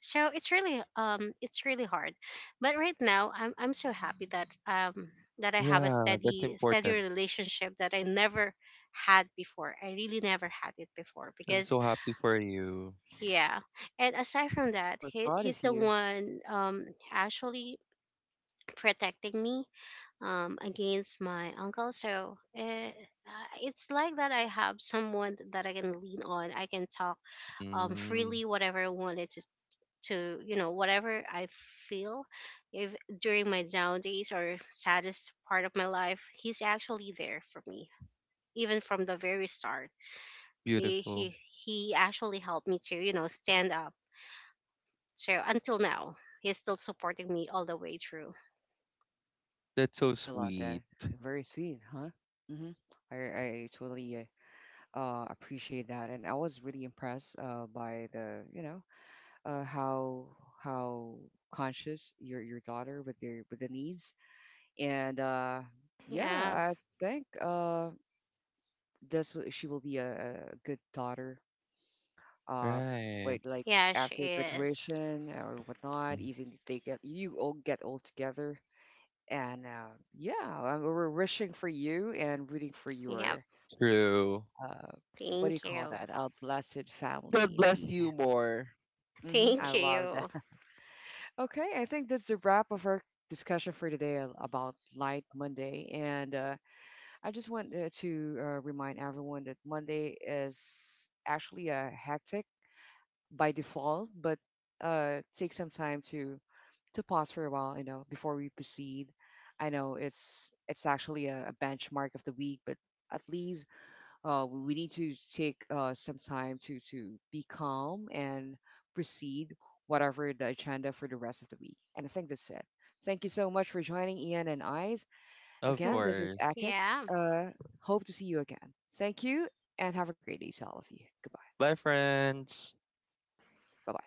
[SPEAKER 3] so it's really um it's really hard. But right now, i'm i'm so happy that um that I have a
[SPEAKER 2] Yeah, that's
[SPEAKER 3] steady steady
[SPEAKER 2] important.
[SPEAKER 3] relationship that I never had before. I really never had it before,
[SPEAKER 2] I'm
[SPEAKER 3] because
[SPEAKER 2] so happy for you.
[SPEAKER 3] yeah. And aside from
[SPEAKER 1] Wow,
[SPEAKER 3] that,
[SPEAKER 1] we're
[SPEAKER 3] he,
[SPEAKER 1] proud of
[SPEAKER 3] he's the
[SPEAKER 1] you.
[SPEAKER 3] one um actually protecting me, um, against my uncle. So, eh, uh, it's like that I have someone that I can lean on. I
[SPEAKER 1] Hmm.
[SPEAKER 3] can talk, um,
[SPEAKER 2] Mm,
[SPEAKER 3] freely, whatever I wanted to, to you know, whatever I feel. If during my down days or saddest part of my life, he's actually there for me, even from the very start. He
[SPEAKER 2] beautiful.
[SPEAKER 3] he he actually helped me to, you know,
[SPEAKER 1] Hmm.
[SPEAKER 3] stand up. So until now, he's still supporting me all the way through.
[SPEAKER 2] That's so
[SPEAKER 1] I love that.
[SPEAKER 2] sweet.
[SPEAKER 1] Very sweet, huh? Mm-hmm. I, I totally uh, uh, appreciate that. And I was really impressed uh, by the, you know, uh, how how conscious your your daughter with their with the needs. And uh,
[SPEAKER 3] Yeah.
[SPEAKER 1] yeah, I think uh, this will, she will be a, a good daughter. Uh,
[SPEAKER 2] Right.
[SPEAKER 1] wait, like
[SPEAKER 3] Yeah, she
[SPEAKER 1] after
[SPEAKER 3] is.
[SPEAKER 1] graduation or whatnot,
[SPEAKER 2] Mm,
[SPEAKER 1] even if they get you all get all together, and uh, yeah, um, we're wishing for you and rooting for
[SPEAKER 3] Yep.
[SPEAKER 1] your,
[SPEAKER 2] true.
[SPEAKER 1] uh, what do you
[SPEAKER 3] Thank
[SPEAKER 1] call
[SPEAKER 3] you.
[SPEAKER 1] that? A blessed family,
[SPEAKER 2] God
[SPEAKER 1] indeed.
[SPEAKER 2] bless you more.
[SPEAKER 1] Hmm,
[SPEAKER 3] Thank
[SPEAKER 1] I love
[SPEAKER 3] you.
[SPEAKER 1] that. Okay, I think that's the wrap of our discussion for today a- about Light Monday, and uh, I just want uh, to uh, remind everyone that Monday is actually a hectic by default, but uh, take some time to to pause for a while, you know, before we proceed. I know it's it's actually a, a benchmark of the week, but at least uh, we need to take uh, some time to to be calm and proceed whatever the agenda for the rest of the week. And I think that's it. Thank you so much for joining Ian and Eyes.
[SPEAKER 2] Of
[SPEAKER 1] Again,
[SPEAKER 3] Mhm.
[SPEAKER 1] this is
[SPEAKER 2] course.
[SPEAKER 1] Akis.
[SPEAKER 3] Yeah,
[SPEAKER 1] Uh, hope to see you again. Thank you and have a great day to all of you. Goodbye.
[SPEAKER 2] Bye, friends.
[SPEAKER 1] Bye bye.